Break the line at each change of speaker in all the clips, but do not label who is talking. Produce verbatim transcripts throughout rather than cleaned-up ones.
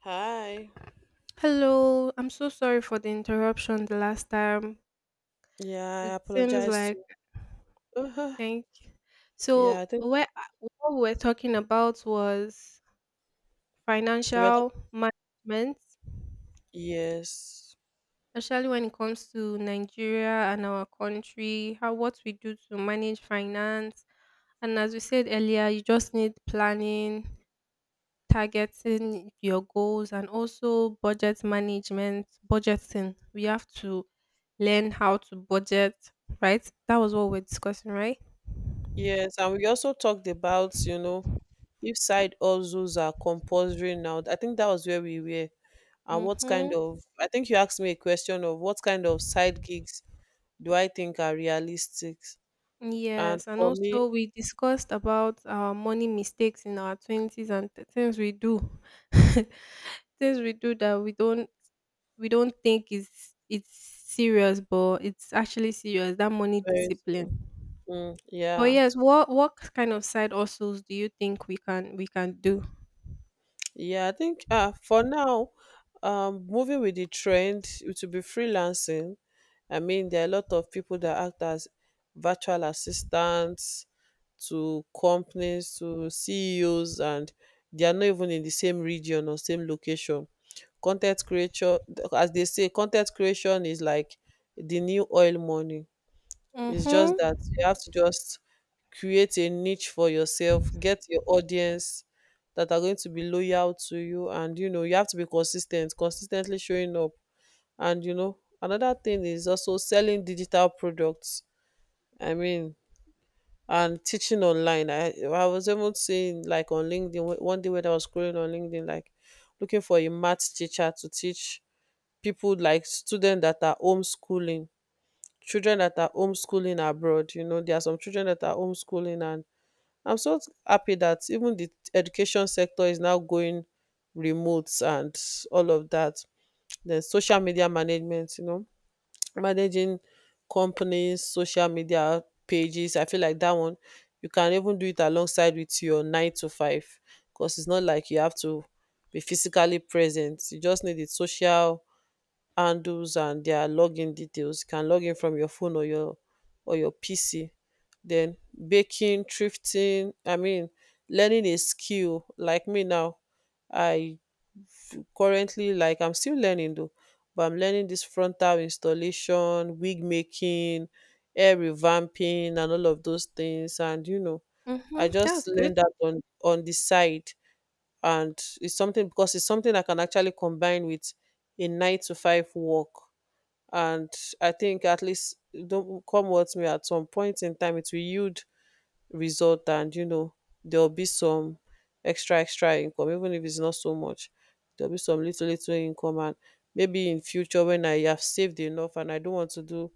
Hi.
Hello, I'm so sorry for the interruption the last time.
Yeah,
It
I
seems
apologize
like
to. Uh-huh.
thank you.
Yeah,
So
I think
where what we we're talking about was
we were talk-
financial management,
yes,
especially when it comes to Nigeria and our country, how what we do to manage finance. And as we said earlier, you just need planning, targeting your goals and also budget management, budgeting. We have to learn how to budget, right? That was what we're discussing, right?
yes, and we also talked about you know if side hustles are compulsory now. I think that was where we were, and what
Mm-hmm.
kind of I think you asked me a question of what kind of side gigs do I think are realistic, and
Yes, and
for me,
also we discussed about our money mistakes in our twenties and th- things we do, things we do that we don't we don't think is it's serious, but it's actually serious. That money
very
discipline.
soon. Mm,
But
yeah.
yes, what what kind of side hustles do you think we can we can do?
Yeah, I think uh, for now, um, moving with the trend, it will be freelancing. I mean, there are a lot of people that act as virtual assistants to companies, to C E Os, and they are not even in the same region or same location. Content creation, as they say, content creation is like the new oil money. It's just
Mhm.
that you have to just create a niche for yourself, get your audience that are going to be loyal to you, and you know, you have to be consistent, consistently showing up. And you know, another thing is also selling digital products. I mean, and teaching online. I I was even seeing like on LinkedIn wh- one day when I was scrolling on LinkedIn, like looking for a math teacher to teach people like students that are homeschooling children that are homeschooling abroad. You know, there are some children that are homeschooling, and I'm so happy that even the education sector is now going remote and all of that. Then social media management, you know, managing companies, social media pages. I feel like that one you can even do it alongside with your nine to five because it's not like you have to be physically present. You just need the social handles and their login details. You can log in from your phone or your or your P C. Then baking, thrifting, I mean learning a skill like me now. I currently like I'm still learning though, but I'm learning this frontal installation, wig making, hair revamping and all of those things. And you know, I
Mhm. That's
just
good.
learned that on on the side and it's something because it's something I can actually combine with a nine to five work, and I think at least, don't come what may, at some point in time it will yield result, and you know there'll be some extra extra income, even if it's not so much, there'll be some little little income, and maybe in future when I have saved enough and I don't want to do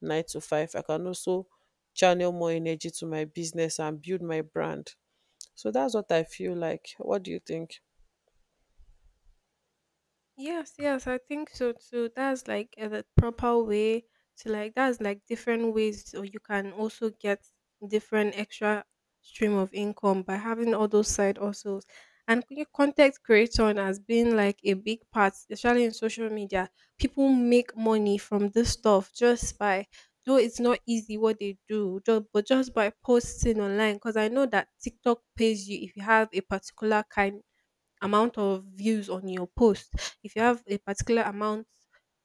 nine to five, I can also channel more energy to my business and build my brand. So that's what I feel like. What do you think?
Yes, yes, I think so too. That's like uh, the proper way to like that's like different ways so you can also get different extra stream of income by having all those side hustles. And c- content creation has been like a big part, especially in social media. People make money from this stuff just by though it's not easy what they do, just, but just by posting online. Because I know that TikTok pays you if you have a particular kind amount of views on your post. If you have a particular amount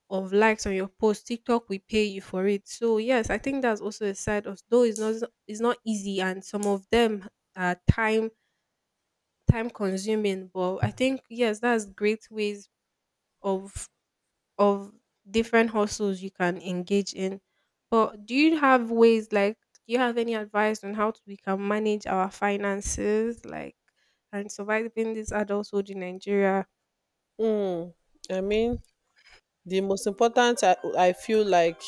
of likes on your post, TikTok will pay you for it. So yes, I think that's also a side of though it's not it's not easy and some of them are time time consuming, but I think yes, that's great ways of of different hustles you can engage in. But do you have ways like do you have any advice on how to, we can manage our finances like and surviving this adulthood in Nigeria?
mm, I mean the most important, I, I feel like,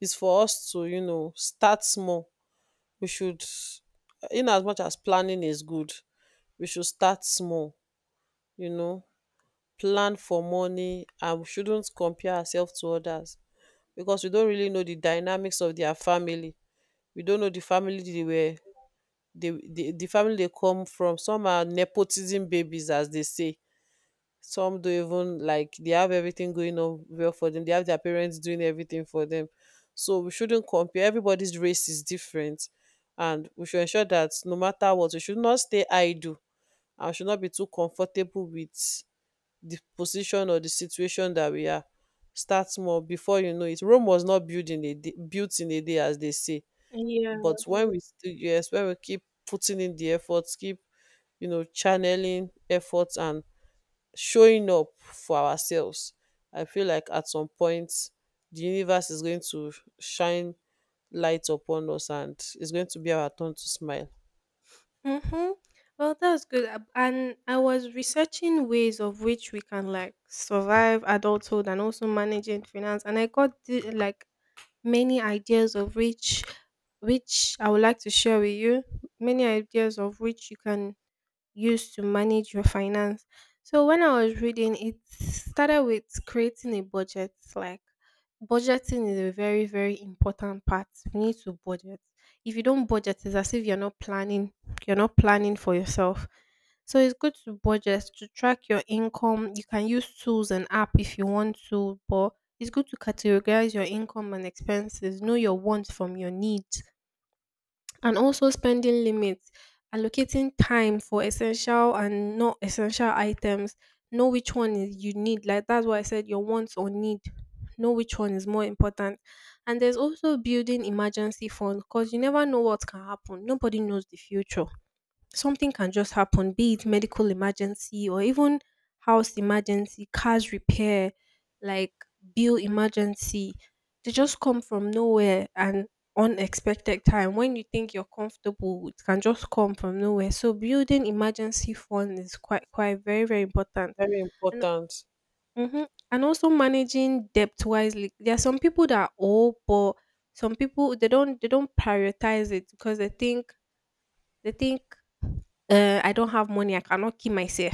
is for us to you know start small. We should, in as much as planning is good, we should start small, you know, plan for money, and we shouldn't compare ourselves to others because we don't really know the dynamics of their family. We don't know the family they were they, the, the family they come from. Some are nepotism babies as they say. Some do, even like they have everything going on well for them, they have their parents doing everything for them. So we shouldn't compare. Everybody's race is different, and we should ensure that no matter what, we should not stay idle and should not be too comfortable with the position or the situation that we are. Start small. Before you know it, rome was not built in a day, built in a day as they say.
Yeah.
But when we still, yes, when we keep putting in the efforts, keep you know channeling efforts and showing up for ourselves. I feel like at some point the universe is going to shine light upon us and it's going to be our turn to smile.
Mm-hmm. Well, that's good. Ab- And I was researching ways of which we can like survive adulthood and also managing finance, and I got the, like many ideas of which which I would like to share with you. Many ideas of which you can use to manage your finance. So when I was reading, it started with creating a budget. Like budgeting is a very, very important part. We need to budget. If you don't budget, it's as if you're not planning. You're not planning for yourself. So it's good to budget to track your income. You can use tools and app if you want to, but it's good to categorize your income and expenses. Know your wants from your needs and also spending limits, allocating time for essential and not essential items. Know which one is you need. Like that's why I said your wants or need. Know which one is more important. And there's also building emergency fund because you never know what can happen. Nobody knows the future something can just happen, be it medical emergency or even house emergency, cars repair, like bill emergency. They just come from nowhere and unexpected time. When you think you're comfortable, it can just come from nowhere. So building emergency fund is quite quite very, very important.
Very
And
important.
hmm and also managing debt wisely. There are some people that owe but some people they don't they don't prioritize it because they think they think uh, I don't have money, I cannot kill myself.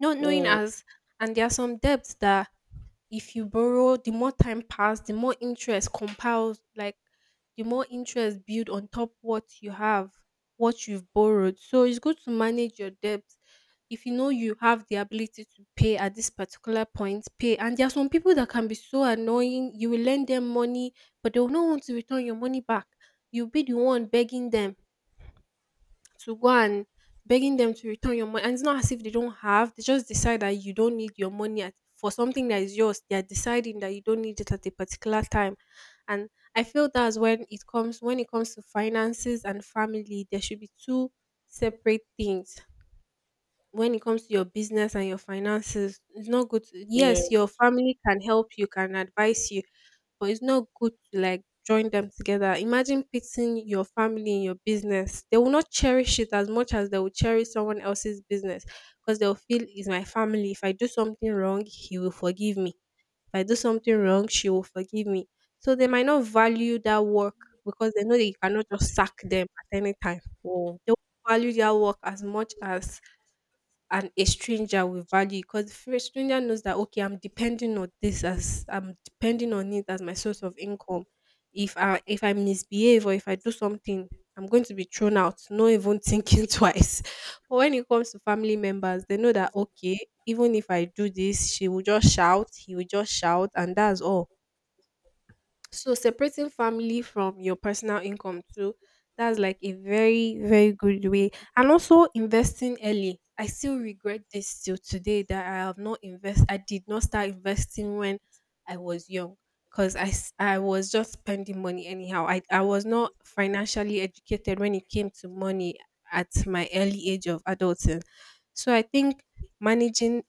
Not knowing
Mm,
as, and there are some debts that if you borrow, the more time pass, the more interest compiles, like the more interest build on top what you have, what you've borrowed. So it's good to manage your debts. If you know you have the ability to pay at this particular point, pay. And there are some people that can be so annoying. You will lend them money, but they will not want to return your money back. You'll be the one begging them to go and begging them to return your money. And it's not as if they don't have, they just decide that you don't need your money at, for something that is yours. They are deciding that you don't need it at a particular time. And I feel that's when it comes when it comes to finances and family, there should be two separate things. When it comes to your business and your finances, it's not good to yes, your
yes.
family can help you, can advise you, but it's not good to like join them together. Imagine pitting your family in your business. They will not cherish it as much as they will cherish someone else's business because they'll feel it's my family. If I do something wrong, he will forgive me. If I do something wrong, she will forgive me. So they might not value that work because they know that you cannot just sack them at any time.
Mm,
They won't value their work as much as and a stranger will value because the fir- stranger knows that okay I'm depending on this as I'm depending on it as my source of income. If i if i misbehave or if I do something, I'm going to be thrown out, not even thinking twice. But when it comes to family members, they know that okay, even if I do this, she will just shout, he will just shout and that's all. So separating family from your personal income too, that's like a very, very good way. And also investing early. I still regret this till today that I have not invest. I did not start investing when I was young because I, s- I was just spending money anyhow. I, I was not financially educated when it came to money at my early age of adulting. So I think managing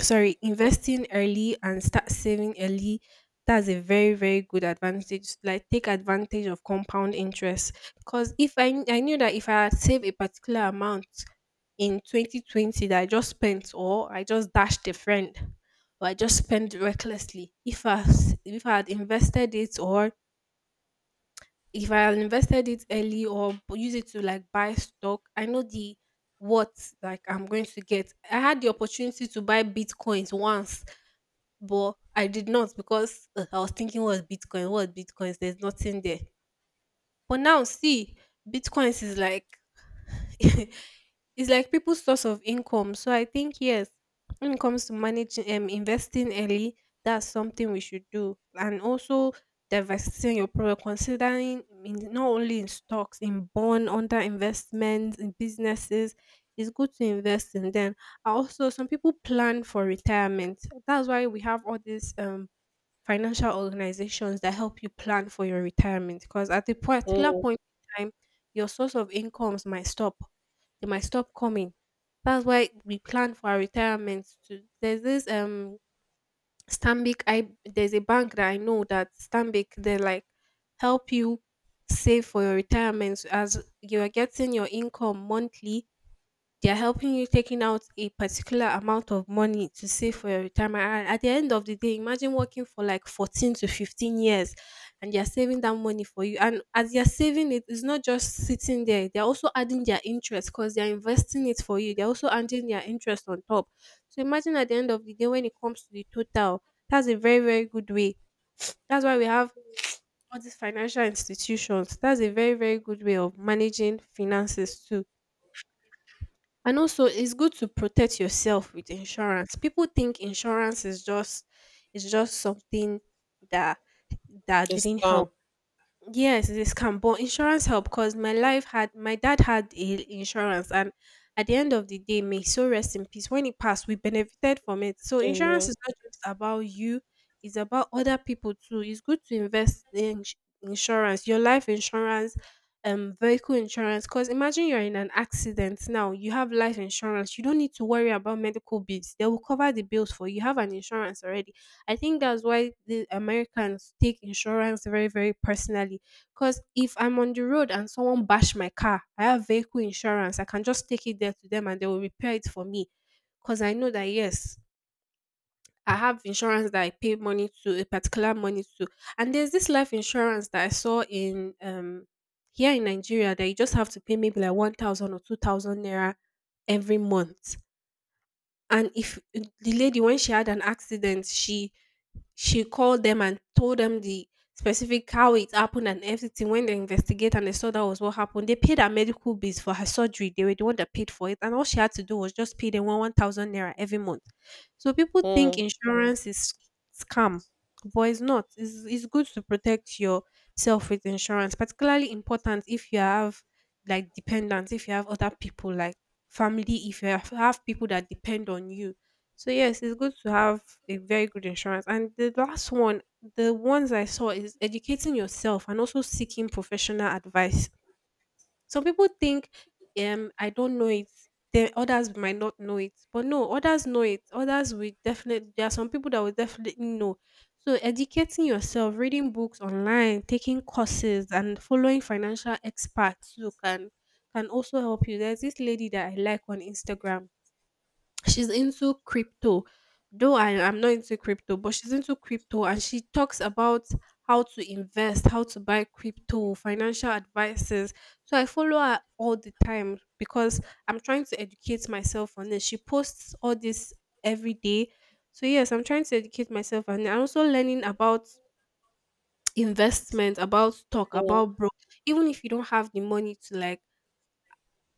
sorry investing early and start saving early, that's a very very good advantage like take advantage of compound interest because if i i knew that if I had saved a particular amount in twenty twenty that I just spent or I just dashed a friend or I just spent recklessly. If i s- if I had invested it or if I had invested it early or b- use it to like buy stock, I know the what like I'm going to get. I had the opportunity to buy bitcoins once, but I did not because uh, I was thinking what's Bitcoin, what Bitcoins, there's nothing there. But now see, Bitcoins is like it's like people's source of income. So I think yes, when it comes to managing um investing early, that's something we should do. And also diversifying your product, considering in, not only in stocks, in bond, under investments, in businesses, it's good to invest in them. And also some people plan for retirement. That's why we have all these um financial organizations that help you plan for your retirement because at a particular
mm,
point in time your source of incomes might stop, they might stop coming. That's why we plan for our retirement to there's this um stanbic I there's a bank that I know that stanbic they like help you save for your retirement as you are getting your income monthly. They're helping you taking out a particular amount of money to save for your retirement. And at the end of the day, imagine working for like fourteen to fifteen years and they're saving that money for you. And as they're saving it, it's not just sitting there. They're also adding their interest because they're investing it for you. They're also adding their interest on top. So imagine at the end of the day, when it comes to the total, that's a very, very good way. That's why we have all these financial institutions. That's a very, very good way of managing finances too. And also, it's good to protect yourself with insurance. People think insurance is just is just something that that
it's
didn't help.
calm.
Yes, it is can. But insurance help because my life had my dad had a insurance, and at the end of the day, may so rest in peace. When he passed, we benefited from it. So insurance
Amen.
is not just about you; it's about other people too. It's good to invest in ins- insurance, your life insurance, um, vehicle insurance. Because imagine you're in an accident now, you have life insurance. You don't need to worry about medical bills; they will cover the bills for you. You have an insurance already. I think that's why the Americans take insurance very, very personally. 'Cause if I'm on the road and someone bash my car, I have vehicle insurance. I can just take it there to them and they will repair it for me. Cause I know that, yes, I have insurance that I pay money to, a particular money to. And there's this life insurance that I saw in, um, here in Nigeria that you just have to pay maybe like one thousand or two thousand naira every month. And if the lady, when she had an accident, she she called them and told them the specific how it happened and everything. When they investigate and they saw that was what happened, they paid her medical bills for her surgery. They were the one that paid for it, and all she had to do was just pay them one one thousand naira every month. So people think
Mm,
insurance is scam, but it's not. It's it's good to protect yourself with insurance, particularly important if you have like dependents, if you have other people like family, if you have, have people that depend on you, so yes, it's good to have a very good insurance. And the last one, the ones I saw is educating yourself and also seeking professional advice. Some people think, um, I don't know it. Then others might not know it, but no, others know it. Others will definitely. There are some people that will definitely know. So educating yourself, reading books online, taking courses, and following financial experts who can can also help you. There's this lady that I like on Instagram. She's into crypto. Though I am not into crypto, but she's into crypto and she talks about how to invest, how to buy crypto, financial advices. So I follow her all the time because I'm trying to educate myself on this. She posts all this every day. So yes, I'm trying to educate myself and I'm also learning about investment, about stock,
mm,
about bro. Even if you don't have the money to like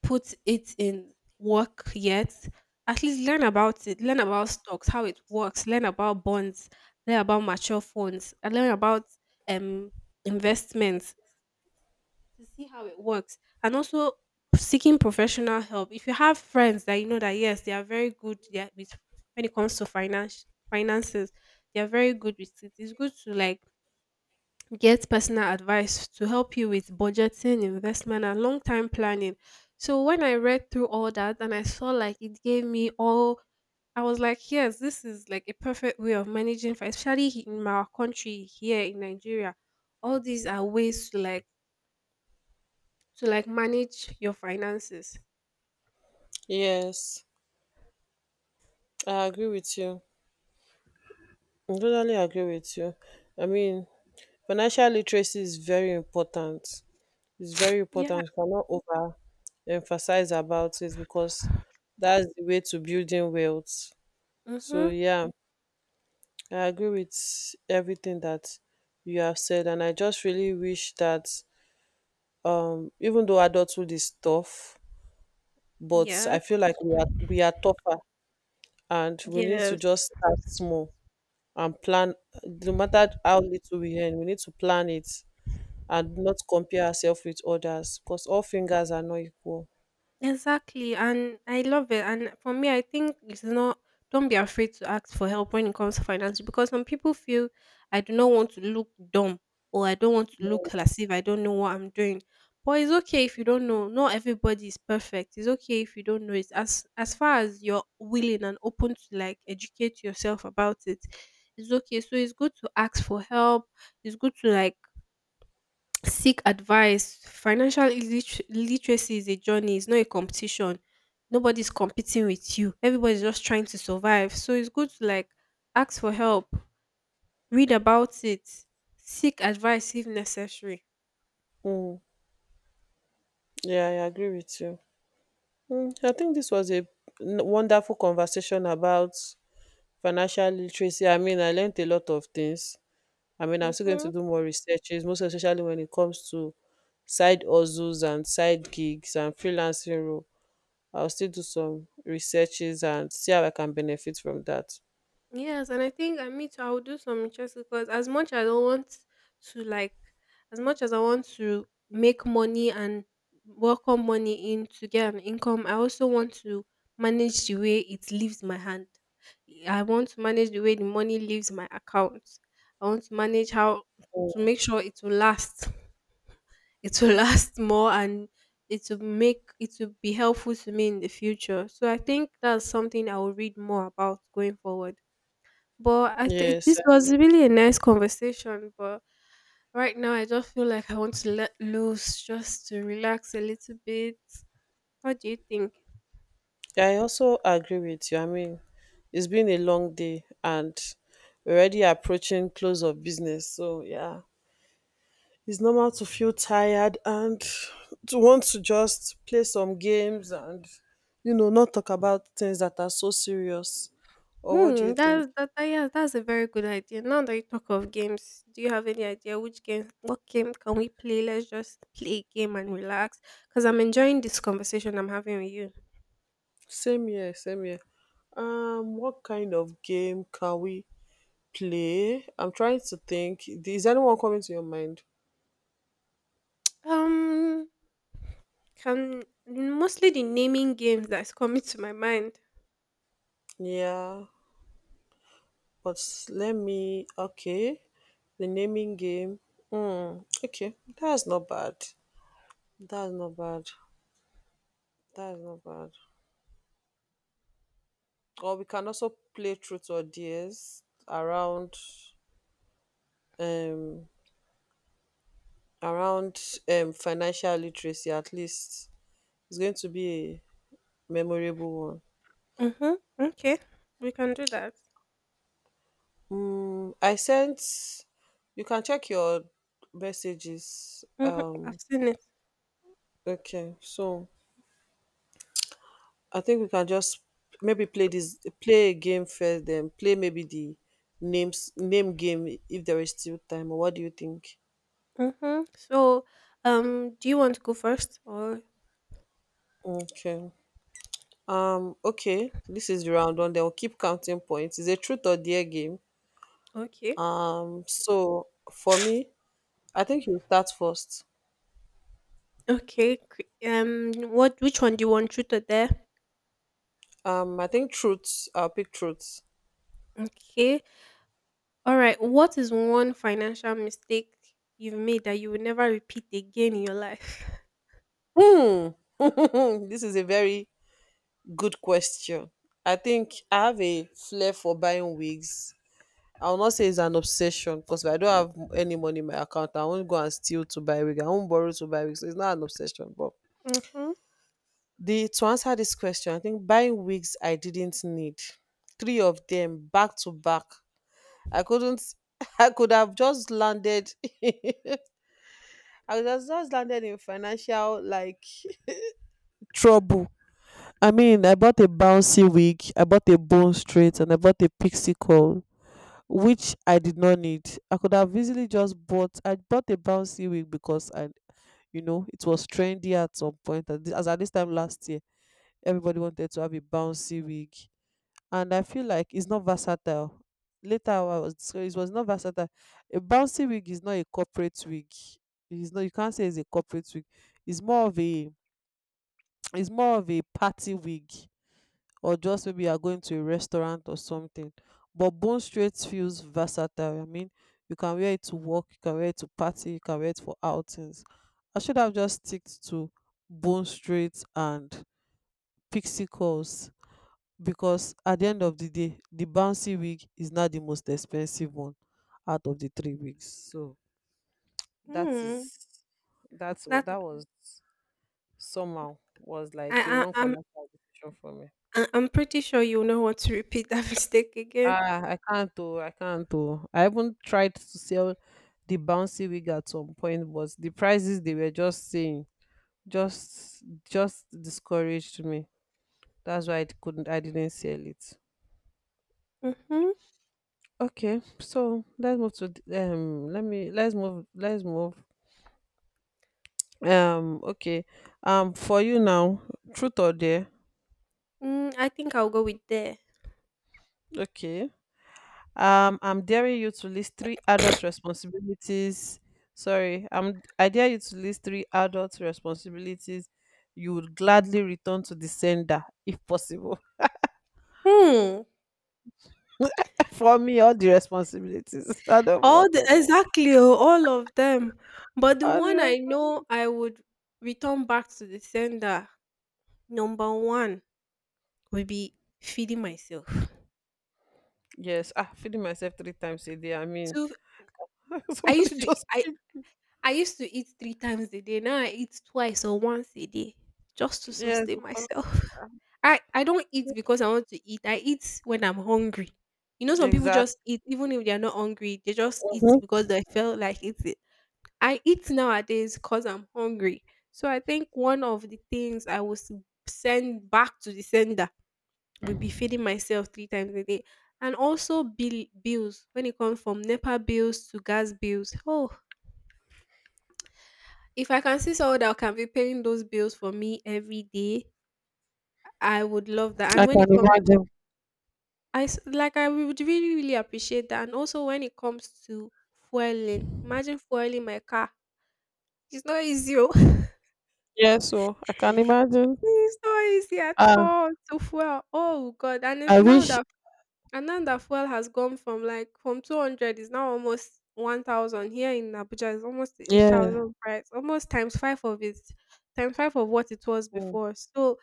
put it in work yet, at least learn about it. Learn about stocks, how it works. Learn about bonds. Learn about mature funds. And learn about um investments to see how it works. And also seeking professional help. If you have friends that you know that yes, they are very good, yeah, with when it comes to finance finances, they are very good with it. It's good to like get personal advice to help you with budgeting, investment, and long time planning. So when I read through all that and I saw like it gave me all, I was like, yes, this is like a perfect way of managing, fi- especially he- in my country here in Nigeria. All these are ways to like to like manage your finances.
yes. I agree with you. I totally agree with you. I mean, financial literacy is very important. It's very
Yeah.
important. You cannot overemphasize about it because that's the way to building wealth. So
Mm-hmm.
yeah, I agree with everything that you have said, and I just really wish that um even though adulthood is tough, but I feel
Yes.
like we are we are tougher and we need to
Yes.
just start small and plan, no matter how little we earn, we need to plan it, and not compare ourselves with others because all fingers are not equal.
Exactly, and I love it. And for me, I think it's not. Don't be afraid to ask for help when it comes to finance because some people feel I do not want to look dumb or I don't want to look as if I don't know what I'm doing. But it's okay if you don't know. Not everybody is perfect. It's okay if you don't know it. As as far as you're willing and open to like educate yourself about it, it's okay. So it's good to ask for help. It's good to like seek advice. Financial illiter- literacy is a journey, it's not a competition. Nobody's competing with you. Everybody's just trying to survive. So it's good to like ask for help, read about it, seek advice if necessary.
Mm. Yeah, yeah, I agree with you. Mm, I think this was a n- wonderful conversation about financial literacy. I mean, I learned a lot of things. I mean, I'm still going to
Hmm.
do more researches, most especially when it comes to side hustles and side gigs and freelancing role. I'll still do some researches and see how I can benefit from that.
Yes, and I think I, me too. I will do some interest because as much as I want to like, as much as I want to make money and welcome money in to get an income, I also want to manage the way it leaves my hand. I want to manage the way the money leaves my account. I want to manage how to make sure it will last. It will last more and it will make it will be helpful to me in the future. So I think that's something I will read more about going forward. But I think
Yes,
this
I
was really a nice conversation. But right now, I just feel like I want to let loose, just to relax a little bit. What do you think?
I also agree with you. I mean, it's been a long day and we're already approaching close of business. So yeah, it's normal to feel tired and to want to just play some games and you know not talk about things that are so serious. Or what do
Hmm,
you think?
that's that. that- Yeah, that's a very good idea. Now that you talk of games, do you have any idea which game, what game can we play? Let's just play a game and relax. Because I'm enjoying this conversation I'm having with you.
Same here, same here. Um, what kind of game can we play? I'm trying to think. Is anyone coming to your mind?
Um, can mostly the naming games that's coming to my mind.
Yeah, but let me. Okay, the naming game. Hmm. Okay, that's not bad. That's not bad. That's not bad. Or we can also play truth or dares around um around um financial literacy at least. It's going to be a memorable
Mm-hmm. Okay, we can do that.
one. Mm, I sent, you can check your messages.
Mhm. I've
Um
seen it.
okay, so I think we can just maybe play this play a game first then play maybe the names name game if there is still time. Or what do you think?
Mhm. So, um, do you want to go first or
Okay. Um, okay, this is the round one. Then we'll keep counting points. It's a truth or dare game.
okay?
So for me, I think you start first.
Okay. cre- Um, what? Which one do you want? Truth or dare?
Um, I think truths. I'll pick truths.
Okay. All right. What is one financial mistake you've made that you will never repeat again in your life?
This is a very good question. I think I have a flair for buying wigs. I will not say it's an obsession because I don't have any money in my account. I won't go and steal to buy wig. I won't borrow to buy wig. So it's not an obsession, but
Mhm.
The to answer this question, I think buying wigs I didn't need. Three of them back to back. I couldn't I could have just landed I would have just landed in financial like trouble. I mean, I bought a bouncy wig, I bought a bone straight, and I bought a pixie curl, which I did not need. I could have easily just bought. I bought a bouncy wig because I, you know, it was trendy at some point. At this, as at this time last year, everybody wanted to have a bouncy wig, and I feel like it's not versatile. Later I was so it was not versatile. A bouncy wig is not a corporate wig. It's not you can't say it's a corporate wig. It's more of a it's more of a party wig or just maybe you are going to a restaurant or something. But bone straight feels versatile. I mean you can wear it to work, you can wear it to party, you can wear it for outings. I should have just sticked to bone straight and pixie curls because at the end of the day the bouncy wig is not the most expensive one out of the three wigs. So that
Mm.
is that's wa-
That
That was somehow was like a
I,
wrong
I I'm
financial decision for me.
I- I'm pretty sure you'll not want to repeat that mistake again.
Ah, I can't, oh I can't. Oh, I even tried to sell the bouncy wig at some point but the prices they were just saying just just discouraged me. That's why I couldn't, I didn't sell it.
Mhm.
Okay, so let's move to th- um let me let's move let's move. Um okay. Um for you now, truth or dare?
Mm, I think I'll go with there.
Okay. Um I'm daring you to list three adult responsibilities. Sorry, I'm I dare you to list three adult responsibilities you would gladly return to the sender if possible.
Hmm.
For me, all the responsibilities. I don't
All
want
the
anyone.
exactly, oh, all of them. But the
All the
one I
rest-
know I would return back to the sender, number one, would be feeding myself.
Yes, ah, feeding myself three times a day. I mean,
Two, I
somebody
used to
just,
I I used to eat three times a day. Now I eat twice or once a day just to
yes,
sustain
of course.
myself. I I don't eat because I want to eat. I eat when I'm hungry. You know, some people
Exactly.
just eat even if they are not hungry. They just eat
Mhm.
because they feel like eating. I eat nowadays because I'm hungry. So I think one of the things I will s- send back to the sender will be feeding myself three times a day. And also bill bills when it comes from NEPA bills to gas bills. Oh, if I can see someone that can be paying those bills for me every day, I would love that.
I
And when it
can
comes,
imagine.
I s- like I would really really appreciate that. And also when it comes to fueling, imagine fueling my car. It's not easy. Oh.
Yeah, so I can imagine.
It's not easy at
Ah,
all to fuel. Oh God! And it's
I
now
wish.
that, and now that fuel has gone from like from two hundred, is now almost one thousand here in Abuja. It's almost a
Yeah.
thousand price, almost times five of it, times five of what it was
Mm,
before. So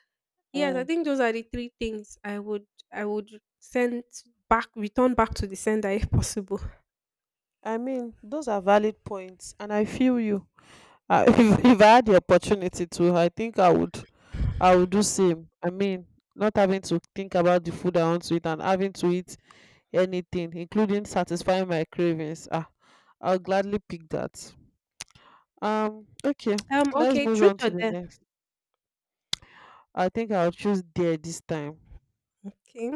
yes, I
mm.
think those are the three things I would I would send back, return back to the sender if possible.
I mean, those are valid points, and I feel you. Uh, if, if I had the opportunity to, I think I would. I would do same. I mean, not having to think about the food I want to eat and having to eat anything, including satisfying my cravings. Ah, I'll gladly pick that. Um. Okay.
Um.
Let's
Okay.
move
Truth
on
or
to the
dare?
next. I think I'll choose there this time.
Okay.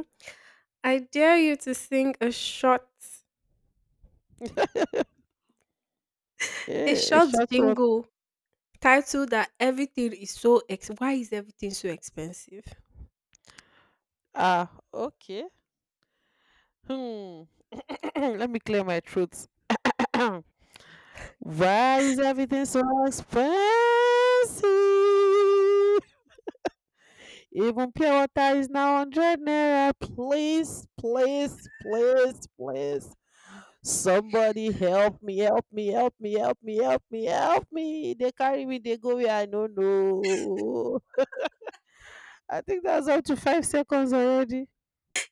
I dare you to sing a short, a
Eh,
short
short work.
jingle Title that everything is so ex- why is everything so expensive?
Ah, okay. Hmm. Let me clear my throat. Why is everything so expensive? Even pure water is now one hundred naira. Please, please, please, please. Somebody help me, help me, help me, help me, help me, help me. They carry me, they go where I don't know. I think that's up to five seconds already.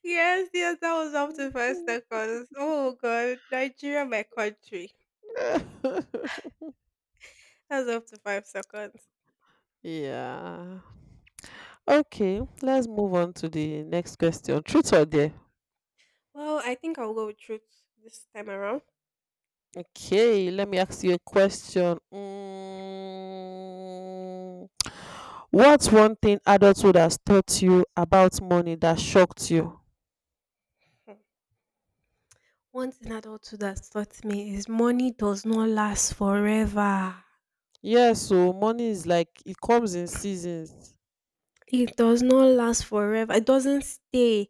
Yes, yes, that was up to five seconds. Oh god, Nigeria, my country. That was up to five seconds.
Yeah. Okay, let's move on to the next question. Truth or dare?
Well, I think I'll go with truth this time around.
Okay, let me ask you a question. Mm, what's one thing adulthood has taught you about money that shocked you?
One thing adulthood has taught me is money does not last forever.
Yeah, so money is like it comes in seasons.
It does not last forever. It doesn't stay.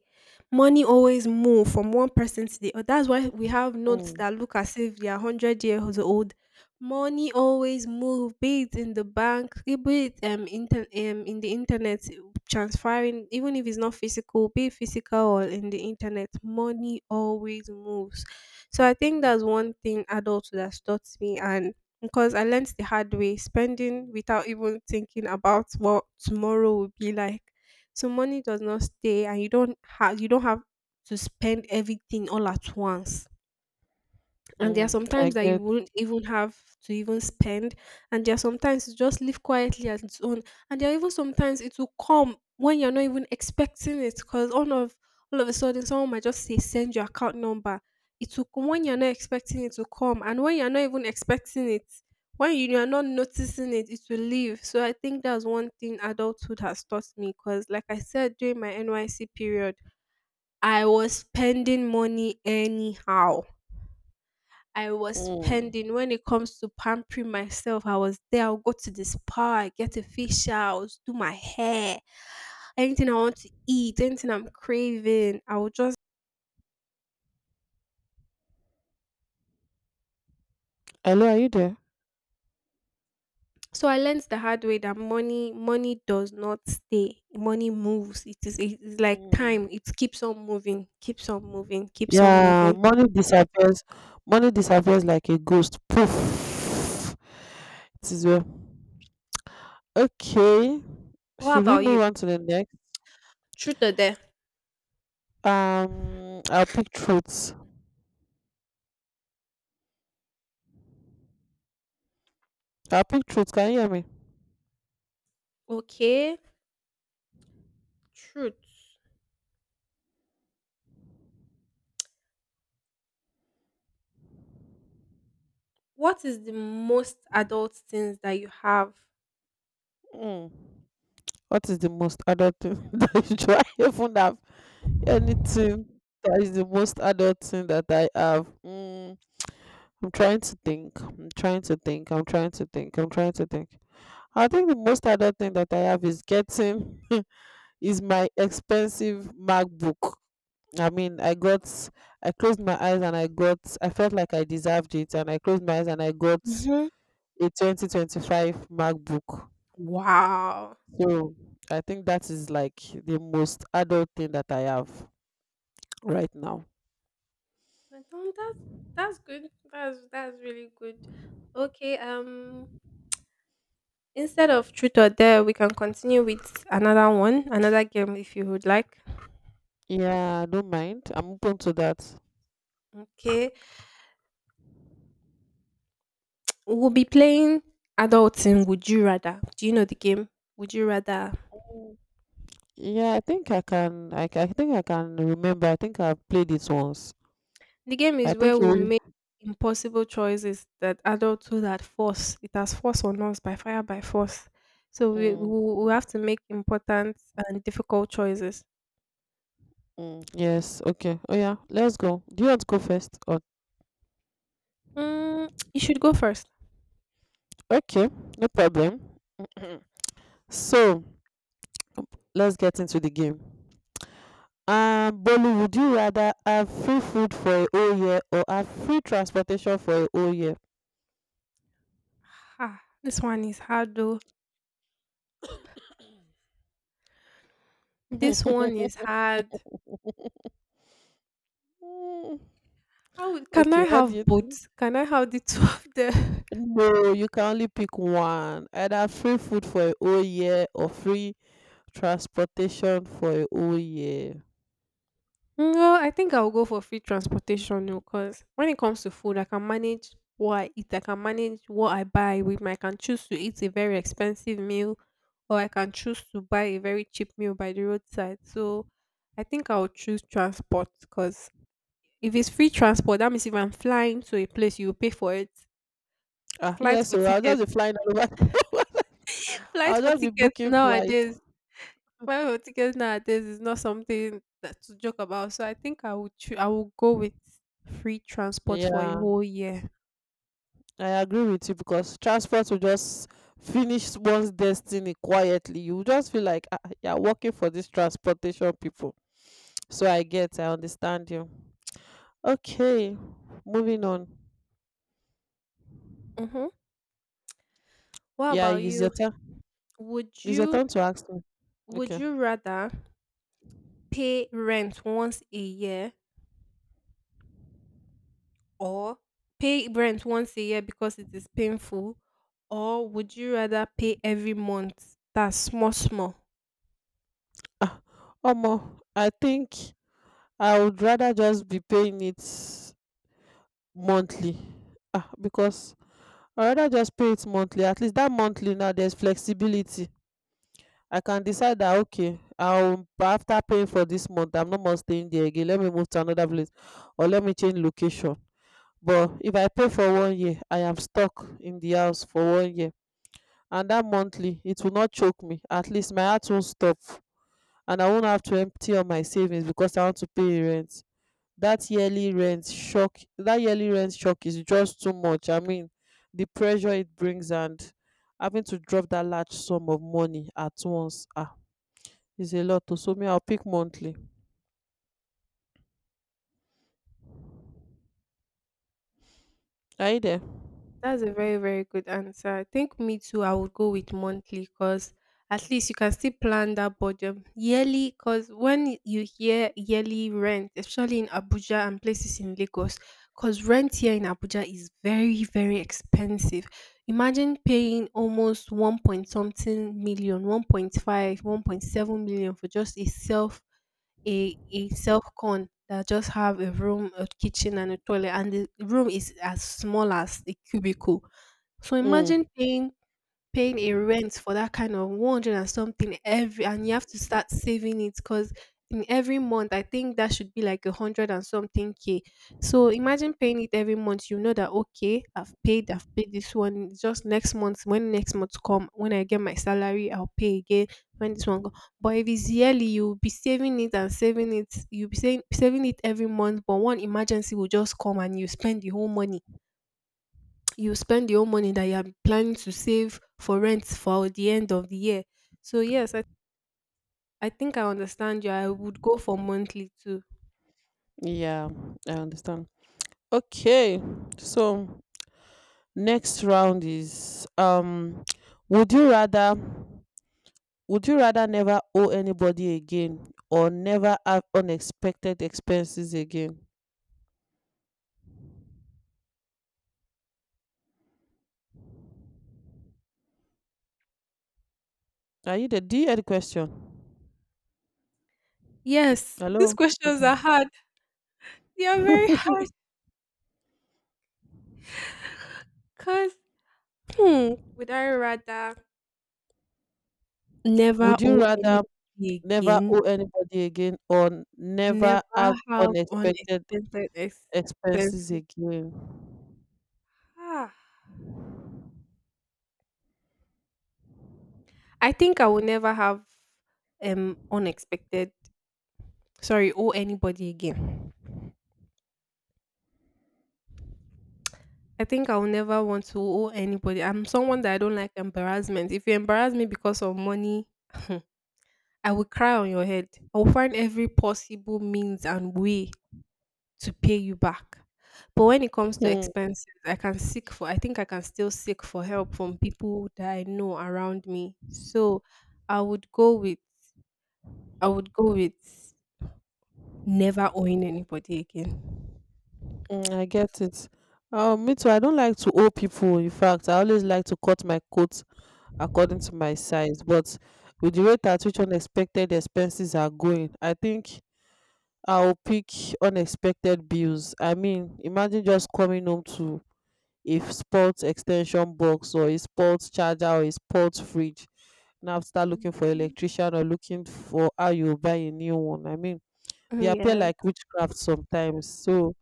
Money always move from one person to the other. That's why we have notes
Mm,
that look as if they are hundred years old. Money always move, be it in the bank, eh, be it um, inter- um in the internet transferring, even if it's not physical, be it physical or in the internet, money always moves. So I think that's one thing adulthood has taught me, and because I learned the hard way, spending without even thinking about what tomorrow will be like. So money does not stay, and you don't have you don't have to spend everything all at once, and there are
mm,
some
I
times that you
get.
wouldn't even have to even spend, and there are some times you just live quietly at its own, and there are even sometimes it will come when you're not even expecting it, because all of all of a sudden someone might just say send your account number, it will come when you're not expecting it to come, and when you're not even expecting it, when you are not noticing it, it will leave. So I think that's one thing adulthood has taught me, because like I said, during my NYC period, I was spending money anyhow. I was
Mm.
spending when it comes to pampering myself. I was there. I'll go to the spa, get a facial, I'll do my hair, anything I want to eat, anything I'm craving. I will just.
Hello, are you there?
So I learned the hard way that money, money does not stay. Money moves. It is, it's like time.
Mm.
It keeps on moving, keeps on moving, keeps on
Yeah,
moving.
money disappears. Money disappears like a ghost. Poof. It is well. Okay.
What
Should we
about you?
move on to the next?
Truth or dare?
Um, I'll pick truths. I'll pick truths. Can you hear me?
Okay, truth. What is the most adult things that you have?
Mm. What is the most adult thing that you try? I even have anything that is the most adult thing that I have. Mm. I'm trying to think. I'm trying to think. I'm trying to think. I'm trying to think. I think the most adult thing that I have is getting is my expensive MacBook. I mean, I got I closed my eyes and I got I felt like I deserved it and I closed my eyes and I got
Hmm.
a twenty twenty-five MacBook.
Wow.
So I think that is like the most adult thing that I have right now.
But um, that's that's good. That's that's really good. Okay. Um, instead of truth or dare, we can continue with another one, another game if you would like.
Yeah, I don't mind. I'm open to that.
Okay. We'll be playing adulting. Would you rather? Do you know the game? Would you rather?
Mm. Yeah, I think I can. I, ca- I think I can remember. I think I've played it once.
The game
I
is where
think you.
we'll
Really,
make impossible choices that adulthood had force. It has force on us by fire by force. So we
mm,
we, we have to make important and difficult choices.
mm, yes. Okay. Oh yeah. Let's go. Do you want to go first? Or
Mm, you should go first.
okay. No problem. so let's get into the game. Um, Bolu, would you rather have free food for a whole year or have free transportation for a whole year?
Ah, this one is hard though. This one is hard.
Mm.
How would- can I
Okay, what do
have
you
both?
think?
Can I have the two of them?
No, you can only pick one. Either free food for a whole year or free transportation for a whole year.
No, I think I'll go for free transportation because when it comes to food, I can manage what I eat, I can manage what I buy with my I can choose to eat a very expensive meal or I can choose to buy a very cheap meal by the roadside. So I think I'll choose transport because if it's free transport, that means if I'm flying to a place, you pay for it.
Ah, yeah,
Flight for
so I'll
tickets
just be flying all over.
Flight
I'll
for
just be
tickets
booking flights.
nowadays, flight for tickets nowadays is not something that to joke about. So I think I would choo- I will go with free transport for a
Yeah,
whole year.
I agree with you because transport will just finish one's destiny quietly. You will just feel like ah, you're working for these transportation people. So I get, I understand you. Okay, moving on.
Mm-hmm. What
Yeah,
about
it's your
you?
turn.
Would
It's your
you
turn to ask me.
would
Okay.
you rather pay rent once a year or pay rent once a year because it is painful? Or would you rather pay every month? That's small, small.
Ah, Omo, I think I would rather just be paying it monthly. Ah, because I rather just pay it monthly. At least that monthly now there's flexibility. I can decide that okay, I'll after paying for this month, I'm not more staying there again, let me move to another place or let me change location. But if I pay for one year, I am stuck in the house for one year. And that monthly, it will not choke me, at least my heart won't stop, and I won't have to empty all my savings because I want to pay rent. That yearly rent shock, that yearly rent shock is just too much. I mean, the pressure it brings, and having to drop that large sum of money at once, ah, is a lot. To So me, I'll pick monthly. Are you there?
That's a very, very good answer. I think me too, I would go with monthly because at least you can still plan that budget. Yearly, because when you hear yearly rent, especially in Abuja and places in Lagos, because rent here in Abuja is very, very expensive. Imagine paying almost one point something million, one point five, one point seven million, for just a self a a self con that just have a room, a kitchen, and a toilet, and the room is as small as a cubicle. So imagine
mm,
paying paying a rent for that kind of one hundred and something every and you have to start saving it because in every month I think that should be like a hundred and something K. So imagine paying it every month. You know that, okay, I've paid, I've paid this one. It's just next month, when next month come, when I get my salary, I'll pay again. When this one go. But if it's yearly, you'll be saving it and saving it. You'll be saying saving it every month, but one emergency will just come and you spend the whole money, you spend your own money that you are planning to save for rent for the end of the year. So yes, I, I think I understand you. I would go for monthly too.
yeah, I understand. Okay, so next round is um would you rather would you rather never owe anybody again or never have unexpected expenses again? Are you there? Do you hear the question?
Yes, these
Hello.
questions
Okay.
are hard. They are very hard because hmm, would I rather never
Would you
owe
rather
anybody
never
again,
owe anybody again or never
never
have
have
unexpected
unexpected
expenses
expenses?
again?
Ah, I think I will never have um unexpected. Sorry, owe anybody again. I think I'll never want to owe anybody. I'm someone that I don't like embarrassment. If you embarrass me because of money, I will cry on your head. I will find every possible means and way to pay you back. But when it comes to
Hmm.
expenses, I can seek for I think I can still seek for help from people that I know around me. So I would go with I would go with never owing anybody again.
mm, I get it. Um, me too. I don't like to owe people. In fact, I always like to cut my coat according to my size. But with the rate at which unexpected expenses are going, I think I'll pick unexpected bills. I mean, imagine just coming home to a sports extension box or a sports charger or a sports fridge. Now start looking for
Mhm.
electrician or looking for how you buy a new one. I mean, they appear like
Yes.
witchcraft sometimes. So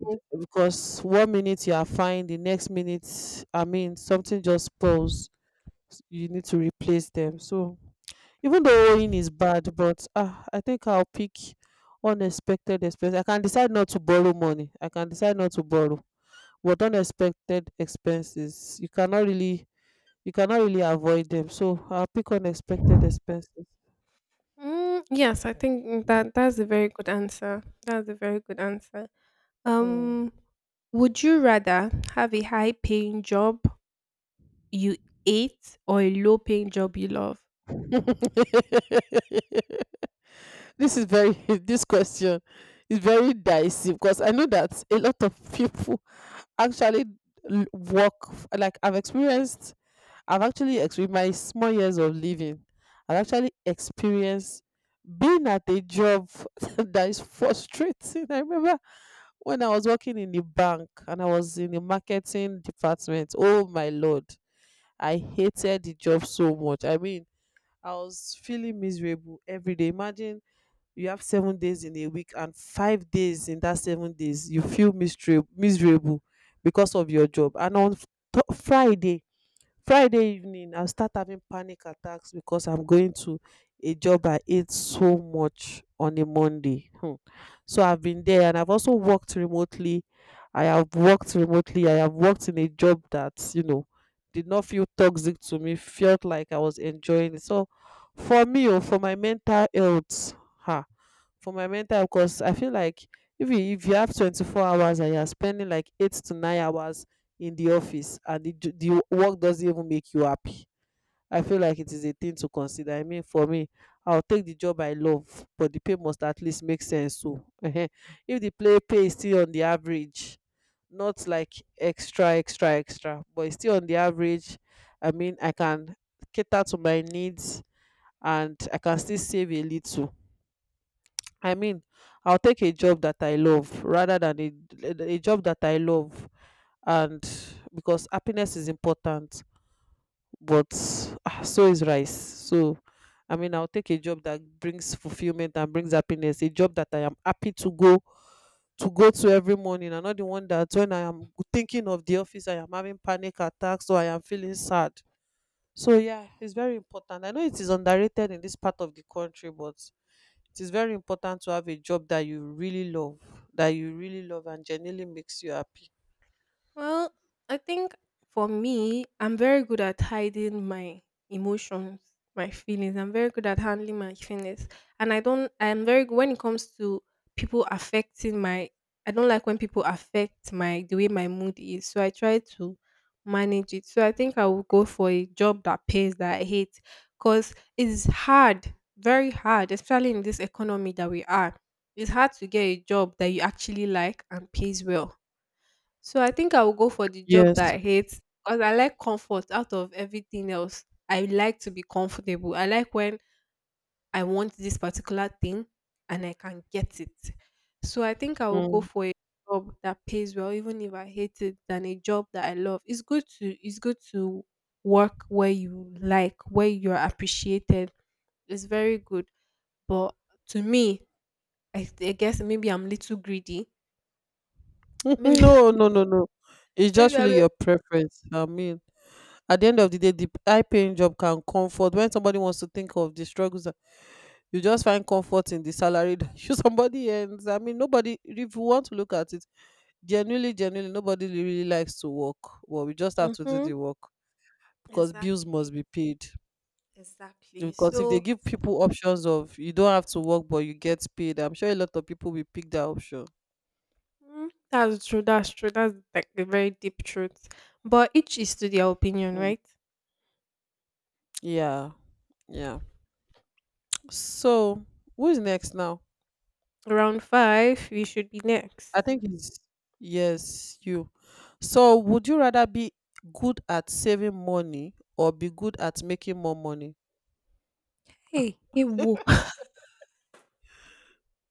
th- because one minute you are fine, the next minute, I mean, something just
Mhm.
spoils. You need to replace them. So even though owing is bad, but ah, I think I'll pick unexpected expense. I can decide not to borrow money, I can decide not to borrow, but unexpected expenses, you cannot really you cannot really avoid them. So I'll pick unexpected expenses.
Mm, yes, I think, mm, that that's a very good answer. That's a very good answer.
Mm.
Um, would you rather have a high paying job you hate or a low paying job you love?
This is very this question is very dicey because I know that a lot of people actually l- work f- like I've experienced. I've actually experienced my small years of living. I've actually experienced being at a job that is frustrating. I remember when I was working in the bank and I was in the marketing department, oh my lord, I hated the job so much. I mean, I was feeling miserable every day. Imagine you have seven days in a week and five days in that seven days you feel mistra- miserable because of your job. And on f- th- friday friday evening I start having panic attacks because I'm going to a job I hate so much on a Monday. Hmm. So I've been there, and I've also worked remotely. I have worked remotely I have worked in a job that you know did not feel toxic to me, felt like I was enjoying it. So for me, or for my mental health, ha, for my mental health, because I feel like if you if you have twenty-four hours and you're spending like eight to nine hours in the office, and the, j- the work doesn't even make you happy, I feel like it is a thing to consider. I mean, for me, I'll take the job I love, but the pay must at least make sense. So if the play pay is still on the average, not like extra extra extra, but it's still on the average, I mean, I can cater to my needs and I can still save a little. I mean, I'll take a job that I love rather than a, a a job that I love, and because happiness is important, but ah, so is rice. So, I mean, I'll take a job that brings fulfillment and brings happiness. A job that I am happy to go to go to every morning, and not the one that when I am thinking of the office, I am having panic attacks or I am feeling sad. So yeah, it's very important. I know it is underrated in this part of the country, but it is very important to have a job that you really love, that you really love and genuinely makes you happy.
Well, I think for me, I'm very good at hiding my emotions, my feelings. I'm very good at handling my feelings. And I don't, I'm very good when it comes to people affecting my, I don't like when people affect my, the way my mood is. So I try to manage it. So I think I will go for a job that pays that I hate because it's hard, very hard, especially in this economy that we are. It's hard to get a job that you actually like and pays well, so I think I will go for the job
Yes.
that I hate because I like comfort out of everything else. I like to be comfortable. I like when I want this particular thing and I can get it. So I think I will go
Mm.
for a job that pays well, even if I hate it, than a job that I love. It's good to it's good to work where you like, where you're appreciated. It's very good. But to me, I, I guess maybe I'm little greedy. Maybe
No, no, no, no. It's
maybe
just
I'm
really
a-
your preference. I mean, at the end of the day, the high paying job can comfort. When somebody wants to think of the struggles, that- you just find comfort in the salary that somebody earns. I mean, nobody, if you want to look at it, genuinely, genuinely, nobody really likes to work. But we just have to do
Mhm.
the work because bills must
Exactly.
be paid.
Exactly.
Because if they
So,
give people options of you don't have to work but you get paid, I'm sure a lot of people will pick that option.
mm, that's true. That's true. That's like the very deep truth. But each is to their opinion,
Mm.
right?
Yeah, yeah. So who's next now?
Round five, we should be
I
next.
think it's yes, you. So would you rather be good at saving money or be good at making more money? Ah,
Hey, hey, whoa.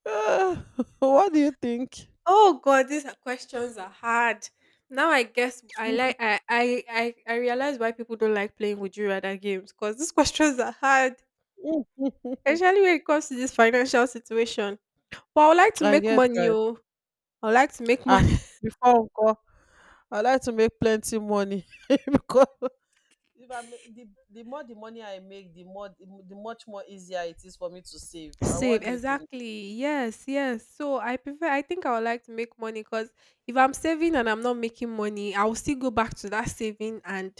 what do you think?
Oh God, these are- questions are hard. Now I guess I like I I I, I realize why people don't like playing Would you rather games because these questions are hard, especially when it comes to this financial situation. But I would like to
I
make
guess
money.
right.
Oh, I would like to make
Ah,
money.
before Uncle, I like to make plenty money because if i ma- the the more the money I make, the more the, the much more easier it is for me to save. Uh, what
Save,
do you think?
exactly. Yes, yes. So I prefer. I think I would like to make money because if I'm saving and I'm not making money, I will still go back to that saving and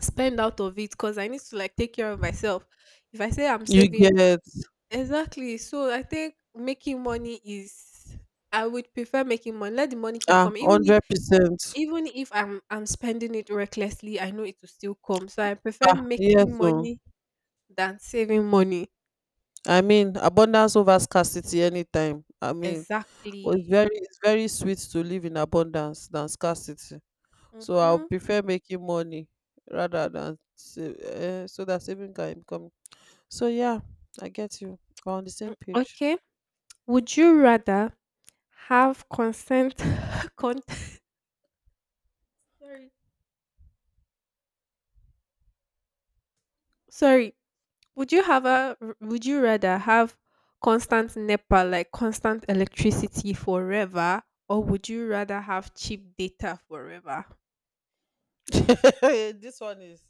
spend out of it because I need to like take care of myself. If I say I'm
You
saving,
get
exactly. So I think making money is. I would prefer making money. Let the money keep
ah,
coming, even if
hundred percent.
even if I'm I'm spending it recklessly. I know it will still come. So I prefer making
Yes, oh.
money than saving money.
I mean, abundance over scarcity anytime. I mean, oh, it's
Exactly.
very it's very sweet to live in abundance than scarcity. So I'll
Mm-hmm.
prefer making money rather than save, uh, so that saving can become. So yeah, I get you. We're on the same page.
Okay. Would you rather have consent con- sorry. Sorry. Would you have a would you rather have constant NEPA, like constant electricity forever, or would you rather have cheap data forever?
this one is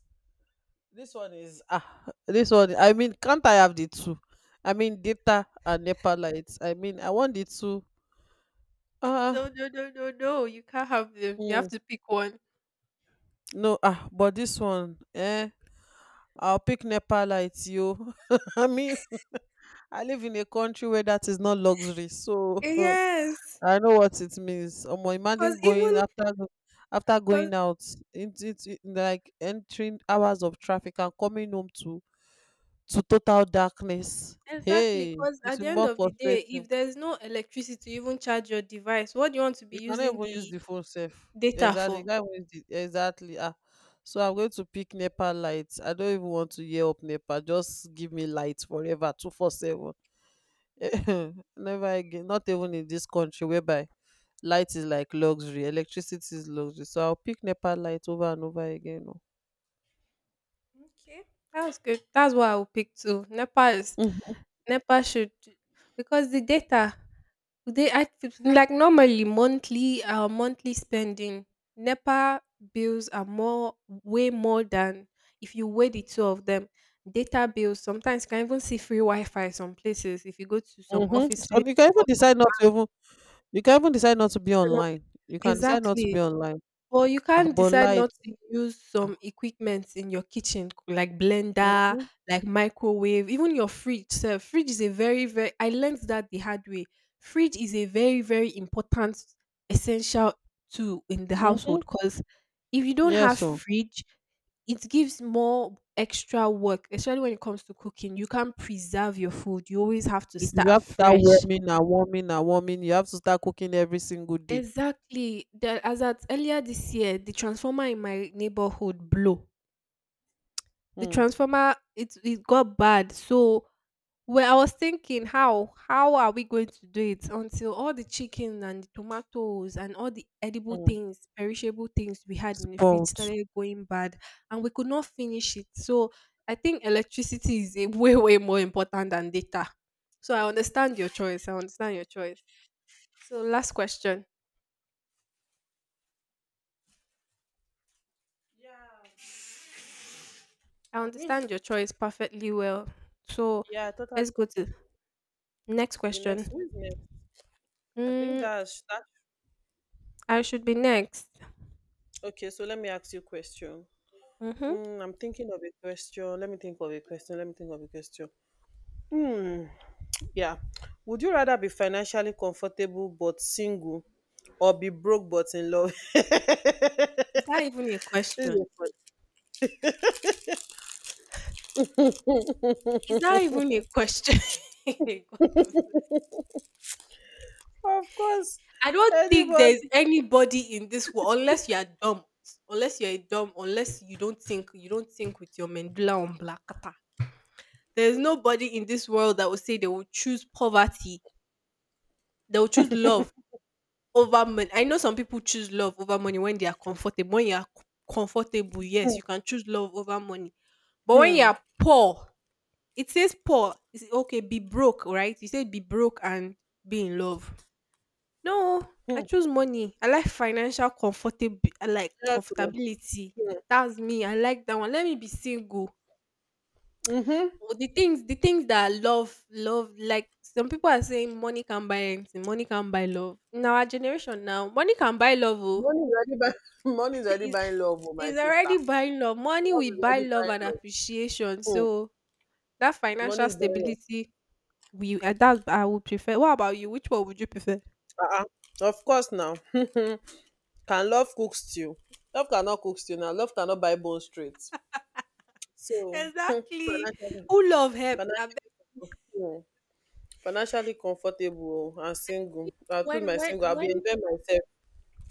This one is ah, this one. I mean, can't I have the two? I mean, data and NEPA lights. I mean, I want the two. Ah,
No, no, no, no, no. You can't have them. You have
mm,
to pick one.
no, ah, but this one, eh? I'll pick NEPA lights, yo. I mean, I live in a country where that is not luxury, so
Yes.
I know what it means. Omo,
Cuz
imagine
even
going after go- after
cuz
going out, it's it's it- like entering hours of traffic and coming home to to total darkness.
exactly
Hey,
cuz
it's
at the end
more
of the day,
frustrating.
if there's no electricity to even charge your device, what do you want to be
You cannot
using
even use
the
the phone safe.
data
Exactly. You
for?
can't even use the, exactly. Ah. So I'm going to pick NEPA lights. I don't even want to hear up NEPA. Just give me light forever, two four seven. Never again. Not even in this country whereby light is like luxury, electricity is luxury. So I'll pick NEPA light over and over again, oh.
Okay, that's good. That's what I will pick too. NEPA is NEPA should, because the data they I like, normally monthly, uh monthly spending NEPA bills are more, way more than if you weigh the two of them. Data bills, sometimes you can even see free Wi-Fi some places if you go to some
Mm-hmm. so
offices,
you can even
or
decide not to even you can even decide not to be online you can decide not to
exactly.
be online.
But you
Ah,
can't
but
decide
light.
not to use some equipment in your kitchen, like blender,
Mm-hmm.
like microwave, even your fridge sef. Fridge is a very, very I learned that the hard way. Fridge is a very, very important essential tool in the
Mm-hmm.
household. Because if you don't
Yes,
have
so
fridge, it gives more extra work, especially when it comes to cooking. You can't preserve your food. You always have to
you you
start
have to start
fresh.
warming and warming and warming. You have to start cooking every single day.
Exactly. The, as at earlier this year, the transformer in my neighborhood blew. The
Mm.
transformer, it it got bad. So, well, I was thinking how how are we going to do it, until all the chicken and the tomatoes and all the edible
Mm.
things, perishable things we had in the fridge
Sport.
started going bad, and we could not finish it. So I think electricity is a way way more important than data. So I understand your choice. I understand your choice. So last question.
Yeah,
I
I mean,
understand your choice perfectly well. So
yeah, I totally.
let's go to next
The next
question.
Who's next? I think
Mm,
that's that.
I should be next.
Okay, so let me ask you a question.
Mhm.
Mm, I'm thinking of a question. Let me think of a question. Let me think of a question. Hmm. Yeah. Would you rather be financially comfortable but single or be broke but in love?
Is that even a
This is
question?
a
Is that even a question? God of-
fun. Of course.
I don't think
Anybody.
there's anybody in this world unless you are dumb. Unless you're a dumb, unless you don't think you don't think with your mandula on blackata. There's nobody in this world that will say they will choose poverty, they will choose love over money. I know some people choose love over money when they are comfortable. When you are c- comfortable, yes, you can choose love over money. But when you
Hmm.
are poor, it says poor. It's okay, be broke, right? You say be broke and be in love. No, I
Hmm.
choose money. I like financial comfortable. I like
Yes, oh,
comfortability.
hmm.
That's me. I like that one. Let me be single.
Mm-hmm.
Oh, The things, the things that I love, love. Like some people are saying, money can buy anything. Money can buy love. In our generation now, money can buy love. Oh.
Money is already buying, money is already
It's-
buying love, oh, my
is
sister.
already buying love. Money
Love is
will buy
already
love
buying
and
love.
appreciation.
Hmm.
So that
Money
financial
is buying love.
stability, We uh, that I would prefer. What about you? Which one would you prefer?
Uh-uh. Of course now. Can love cook stew? Love cannot cook stew now. Love cannot buy bone straight. So
Exactly.
financially,
Who love help? I bet
financially, comfortable. Hmm. Financially comfortable and single. I'll choose
when
my
when
single. I'll be
when
enjoying myself.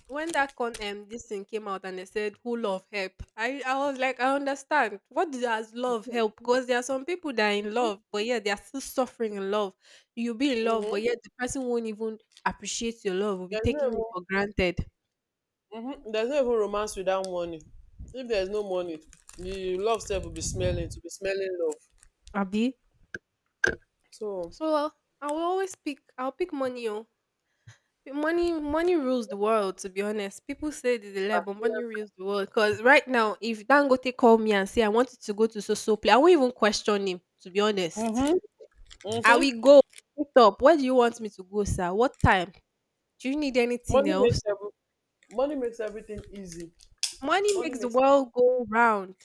when that con um this thing came out and they said who love help, I I was like, I understand. What does love help? Because there are some people that are in love, but yeah, they are still suffering in love. You'll be in love, but
Mm-hmm.
yet the person won't even appreciate your love. Will be
There's no
taking
even,
it for granted.
hmm there's no even romance without money. If there's no money, the love self will be smelling. To be smelling love.
Abi.
So
So, uh, I will always pick. I'll pick money. Oh. But Money, money rules the world. To be honest, people say that they dey lie,
ah,
but money
yes.
rules the world. Cause right now, if Dangote call me and say I wanted to go to so so play, I won't even question him. To be honest,
Mm-hmm.
I
Mm-hmm.
will go straight up. Where do you want me to go, sir? What time? Do you need anything
Money makes
else?
every, Money makes everything easy.
Money
Money
makes the
makes.
world go round.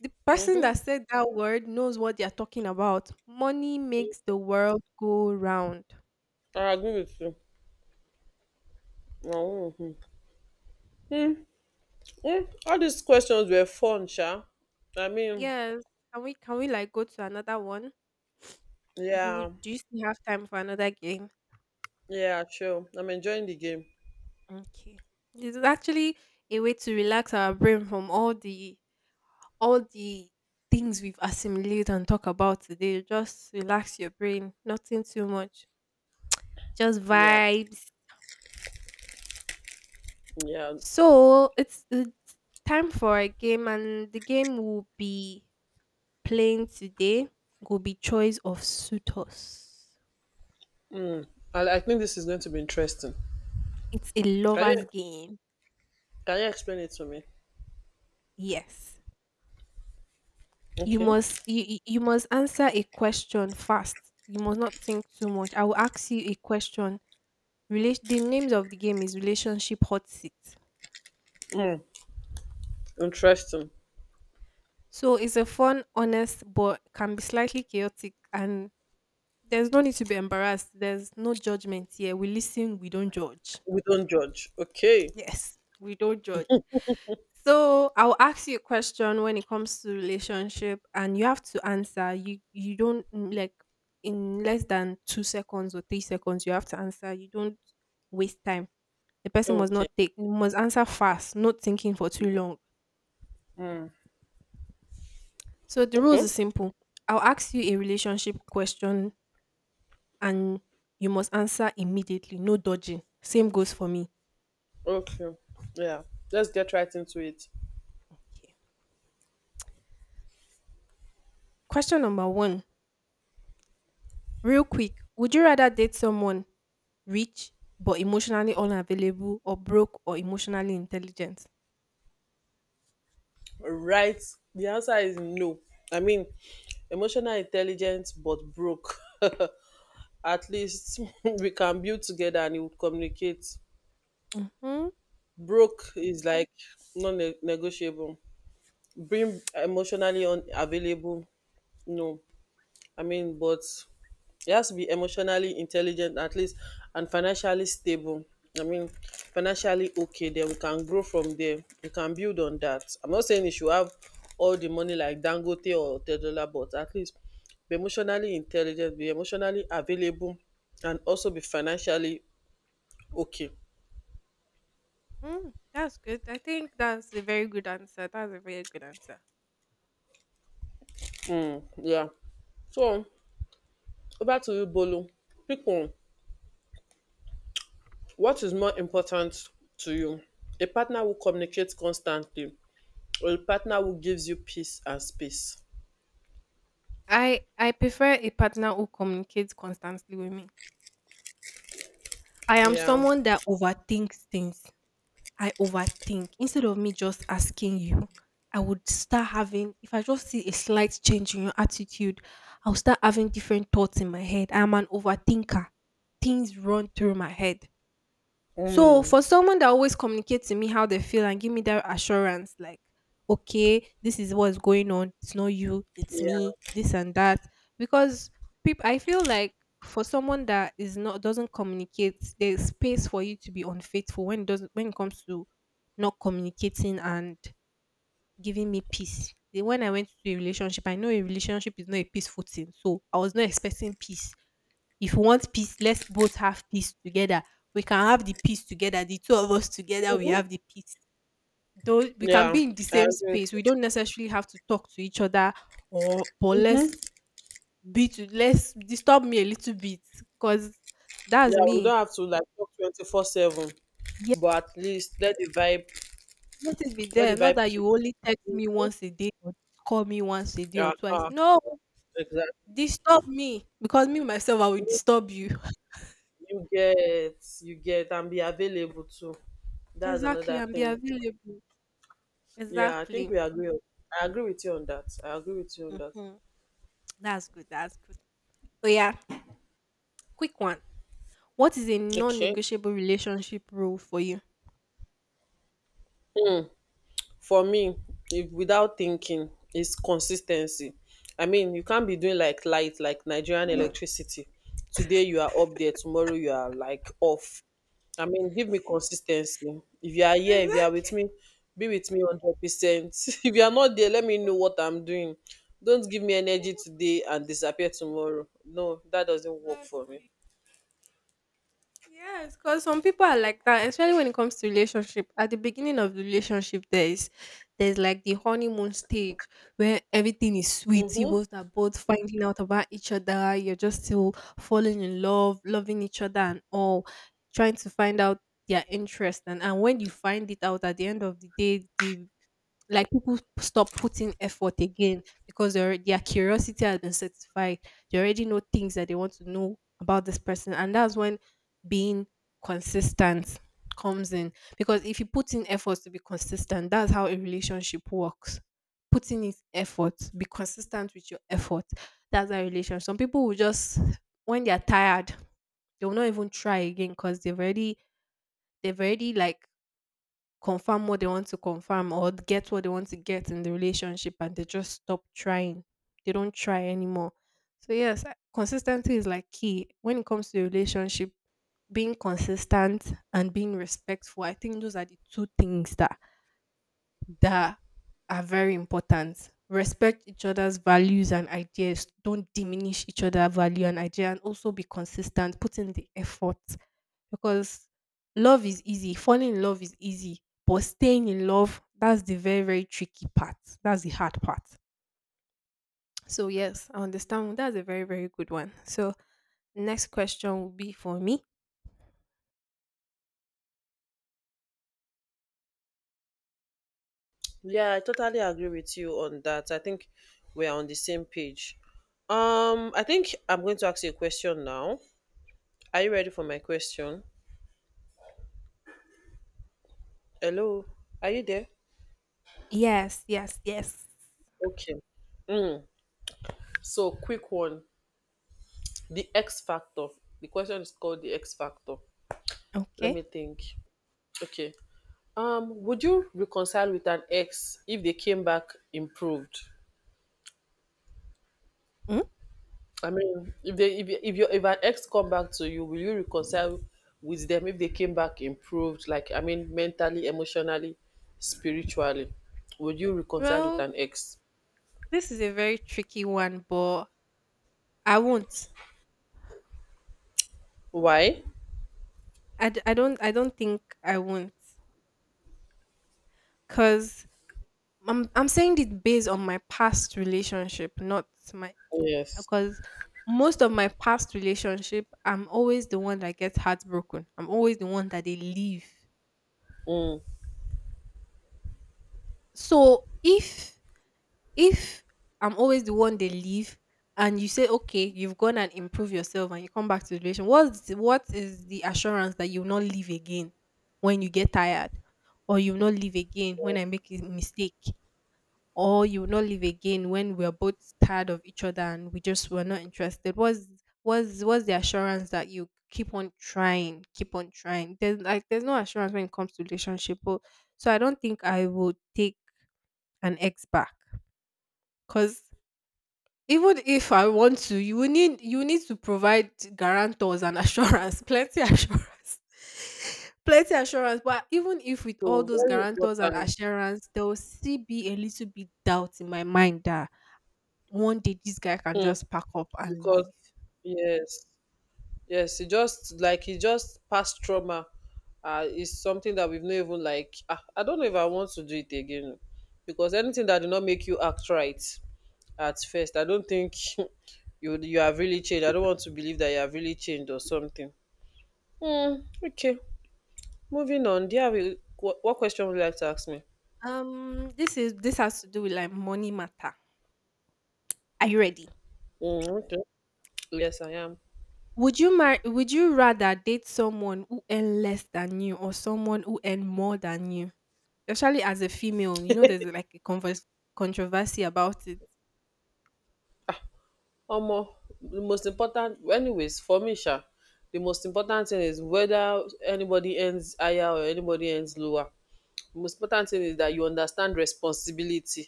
The person
Mm-hmm.
that said that word knows what they are talking about. Money makes the world go round.
I agree with you. Mm-hmm. Eh, all these questions were fun, Sha. I mean,
Yes. Can we can we like go to another one? Do you
yeah,
do you still have time for another game?
yeah, true. I'm enjoying the game.
Okay. This is actually a way to relax our brain from all the all the things we've assimilated and talk about today. Just relax your brain. Nothing too much. Just
Yeah,
vibes.
yeah.
So it's, it's time for a game, and the game will be playing today will be choice of suitors.
I, I think this is going to be interesting.
It's a
Can
lover's
you
game.
can you explain it to me?
Yes. You
Okay.
must you you you must answer a question fast. You must not think too much. I will ask you a question. Rela- the names of the game is relationship hot seat.
Interesting.
So it's a fun, honest, but can be slightly chaotic, and there's no need to be embarrassed. There's no judgment here. We listen, we don't judge.
We don't judge. Okay.
Yes. We don't judge. So I'll ask you a question when it comes to relationship, and you have to answer. You you don't mm, like in less than two seconds or three seconds. You have to answer. You don't waste time. The person must
Okay.
not take. You must answer fast, not thinking for too long. So the rules are
Okay.
simple. I'll ask you a relationship question, and you must answer immediately. No dodging. Same goes for me.
Okay. Yeah. Let's get right into it.
Question number one. Real quick, would you rather date someone rich but emotionally unavailable or broke or emotionally intelligent?
Right. The answer is no. I mean, emotional intelligence, but broke. At least we can build together and it would communicate.
Mm-hmm.
Broke is like non-negotiable. Being emotionally unavailable, no. I mean, but you has to be emotionally intelligent at least, and financially stable. I mean, financially okay, then we can grow from there. We can build on that. I'm not saying you should have all the money like Dangote or Tedola, but at least be emotionally intelligent, be emotionally available, and also be financially okay.
Mm, that's good. I think that's a very good answer. That's a very good answer.
Yeah. So over to you, Bolu. Pick one. What is more important to you? A partner who communicates constantly or a partner who gives you peace and space?
I I prefer a partner who communicates constantly with me. I am
Yeah.
someone that overthinks things. I overthink. Instead of me just asking you, I would start having, if I just see a slight change in your attitude, I'll start having different thoughts in my head. I'm an overthinker. Things run through my head. So
Mm.
for someone that always communicates to me how they feel and give me that assurance, like, okay, this is what's going on. It's not you, it's me,
Yeah.
this and that. Because people, I feel like for someone that is not doesn't communicate, there's space for you to be unfaithful when it doesn't when it comes to not communicating and giving me peace. The- When I went to a relationship, I know a relationship is not a peaceful thing, so I was not expecting peace. If you want peace, let's both have peace together. We can have the peace together. The two of us together, we have
Mhm.
the peace. Though we can
Yeah.
be in the
I
same
agree with
space.
you.
We don't necessarily have to talk to each other, or but let's be to let's disturb me a little bit. Cause that's
Yeah, we
me.
don't have to like talk twenty four seven,
Yeah,
but at least let the vibe
let it be
let the
there. Not
vibe
that
keep.
you only text me once a day or call me once a day or
Uh
twice.
huh.
No,
Exactly.
disturb me. Because me myself I will
Make.
disturb you.
You get you get and be available too. That's
Exactly,
another
and be
thing.
available.
Yeah, I think
Exactly.
we agree. on- I agree with you on that. I agree with you on that.
Hmm. That's good. That's good. Oh yeah, quick one. What is a
Okay.
non-negotiable relationship rule for you?
For me, if without thinking, is consistency. I mean, you can't be doing like light, like Nigerian electricity. Today you are up there, tomorrow you are like off. I mean, give me consistency. If you are here, if you are with
Exactly.
me, be with me one hundred percent. If you are not there, let me know what I'm doing. Don't give me energy today and disappear tomorrow. No, that doesn't work
That-
for me.
Yes, because some people are like that, especially when it comes to relationship. At the beginning of the relationship, there is there's like the honeymoon stage where everything is sweet. You
Hmm,
both are both finding out about each other. You're just still falling in love, loving each other, and all trying to find out their interest. And and when you find it out at the end of the day, the like people stop putting effort again because their their curiosity has been satisfied. They already know things that they want to know about this person, and that's when being consistent comes in. Because if you put in efforts to be consistent, that's how a relationship works. Putting in effort, be consistent with your effort. That's a relationship. Some people will just when they are tired, they will not even try again because they've already they've already like confirm what they want to confirm or get what they want to get in the relationship, and they just stop trying. They don't try anymore. So, yes, I- consistency is like key when it comes to the relationship. Being consistent and being respectful, I think those are the two things that that are very important. Respect each other's values and ideas. Don't diminish each other's value and idea, and also be consistent. Put in the effort because love is easy. Falling in love is easy, but staying in love, that's the very very tricky part. That's the hard part. So yes, I understand. That's a very very good one. So next question will be for me.
yeah, I totally agree with you on that. I think we're on the same page. Um, I think I'm going to ask you a question now. Are you ready for my question? Hello, are you there?
Yes, yes, yes.
Okay. So, quick one. The X factor. The question is called the X factor. Let
Okay.
me think. Okay. Um, would you reconcile with an ex if they came back improved?
Mm?
I mean, if they if if your if an ex come back to you, will you reconcile with them if they came back improved? Like I mean, mentally, emotionally, spiritually, would you reconcile with
Well,
an ex?
this is a very tricky one, but I won't.
Why?
I, d- I don't I don't think I won't cuz I'm I'm saying it based on my past relationship, not my
Yes.
because most of my past relationship, I'm always the one that gets heartbroken. I'm always the one that they leave.
Mm.
So if if I'm always the one they leave, and you say, okay, you've gone and improved yourself, and you come back to the relation, what what is the assurance that you'll not leave again when you get tired, or you'll not leave again when I make a mistake? Or you will not live again when we're both tired of each other and we just were not interested. What's what's what's the assurance? That you keep on trying, keep on trying. There's like there's no assurance when it comes to relationship, but so I don't think I would take an ex back because even if I want to, you will need you need to provide guarantors and assurance. Plenty assurance. Plenty assurance. But even if with all
So
those
very
guarantors and
important.
assurance, there will still be a little bit doubt in my mind that one day this guy can
Mm.
just pack up and leave.
Because yes, yes, it just like it just past trauma, uh, is something that we've not even like. ah, I don't know if I want to do it again, because anything that do not make you act right at first, I don't think you you have really changed. I don't want to believe that you have really changed or something. Hmm. Okay, moving on. Do you have a, what, what question would you like to ask me?
Um, this is this has to do with like money matter. Are you ready?
Hmm. Okay. Yes, I am.
Would you mar would you rather date someone who earn less than you or someone who earn more than you? Especially as a female, you know there's like a converse controversy about it.
Omo, di most important anyways for me sha, di most important thing is whether anybody earns higher or anybody earns lower. Di most important thing is dat you understand responsibility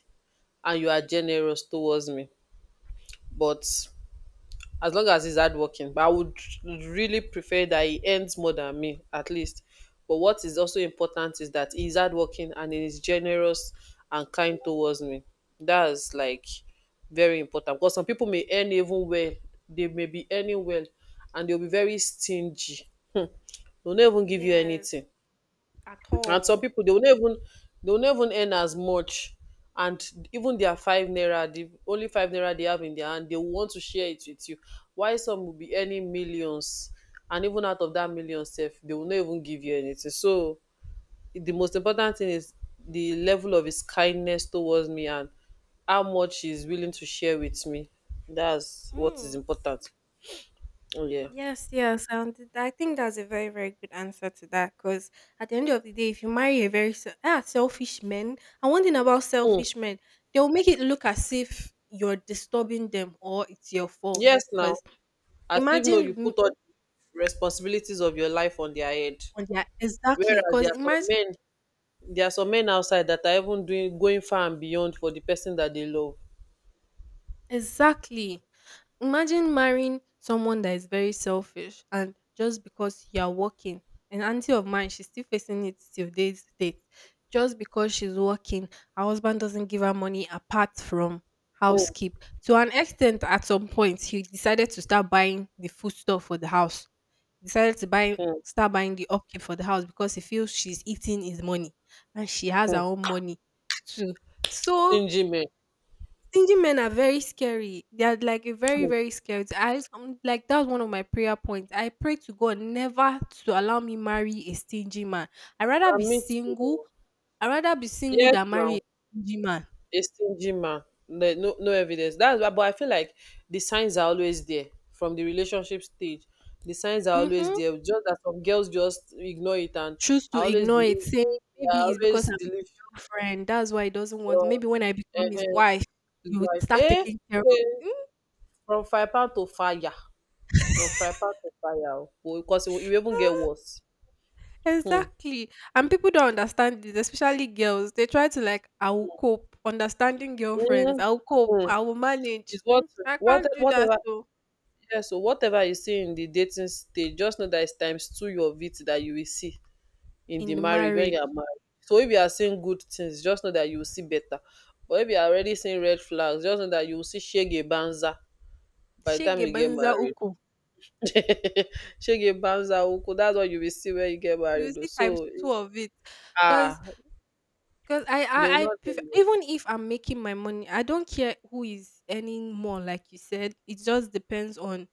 and you are generous towards me. But as long as he's hardworking. But I would really prefer that he earns more than me, at least. But what is also important is that he's hardworking and he is generous and kind towards me. That's like very important, because some people may earn even well, they may be earning well, and they'll be very stingy. Hmm. They'll not even give you
Yes,
anything.
at
And some
all.
people, they will not even they will not even earn as much. And even their five naira, the only five naira they have in their hand, they will want to share it with you. Why some will be earning millions, and even out of that million sef, they will not even give you anything. So the most important thing is the level of his kindness towards me and how much he's willing to share with me. That's what is
Mm.
important. Oh, yeah.
Yes, yes. Um, th- I think that's a very, very good answer to that. Because at the end of the day, if you marry a very se- ah, selfish man, and one thing about
Mm.
selfish men, they'll make it look as if you're disturbing them or it's your fault.
Yes, now.
Because
As if, no,
imagine
you
m-
put all the responsibilities of your life on their head.
on their exactly.
Whereas
Because
there are some
imagine
men, there are some men outside that are even doing going far and beyond for the person that they love.
exactly. Imagine marrying someone that is very selfish and just because you're working. An auntie of mine, she's still facing it till this date. Just because she's working, her husband doesn't give her money apart from
Hmm,
housekeep. To an extent, at some point, he decided to start buying the food stuff for the house. He decided to buy
hmm,
Start buying the upkeep for the house because he feels she's eating his money and she has her
hmm.
own money too. So
Stingy men.
stingy men are very scary. They are like a very,
Hmm.
very scary. I um, like that was one of my prayer points. I pray to God never to allow me marry a stingy man. I rather be
And me too.
single.
Oh.
I rather be single
Yes,
than marry a
now,
stingy man.
a stingy man. Like, no, no evidence. That's why, but I feel like the signs are always there from the relationship stage. The signs are always
Mm-hmm.
there. Just that some girls just ignore it, and
Choose
I
to
always
ignore it,
believe,
saying maybe
I
it's because
always
I'm his
believe,
girlfriend. That's why he doesn't want.
uh,
Maybe when I become
eh,
his
eh,
wife,
it's
you would
like,
start
eh,
taking care
eh,
of.
from five pound to fire. No, fry pan to fire o. Well, because it will, it will even get worse. Hmm.
Exactly. And people don't understand this, especially girls. They try to like, I will cope. Understanding girlfriends,
Mm,
I will cope.
mm.
I will manage.
It's what,
Mm, I
what,
can't do that
whatever.
though.
Yeah, so whatever you see in the dating stage, just know that it's times two of it that you will see in
In
the
the
marriage when
marriage,
you are married. So if you are seeing good things, just know that you will see better. But if you are already seeing red flags, just know that you will see shege banza by the time
shege
you get
banza
married.
uku.
Shege banza uku, that's what you will see when you get
You
married. O.
see times
So
two
it's,
of it,
ah,
cause cause I
they will
I, I
not.
prefer, even if I'm making my money, I don't care who is earning more. Like you said, it just depends on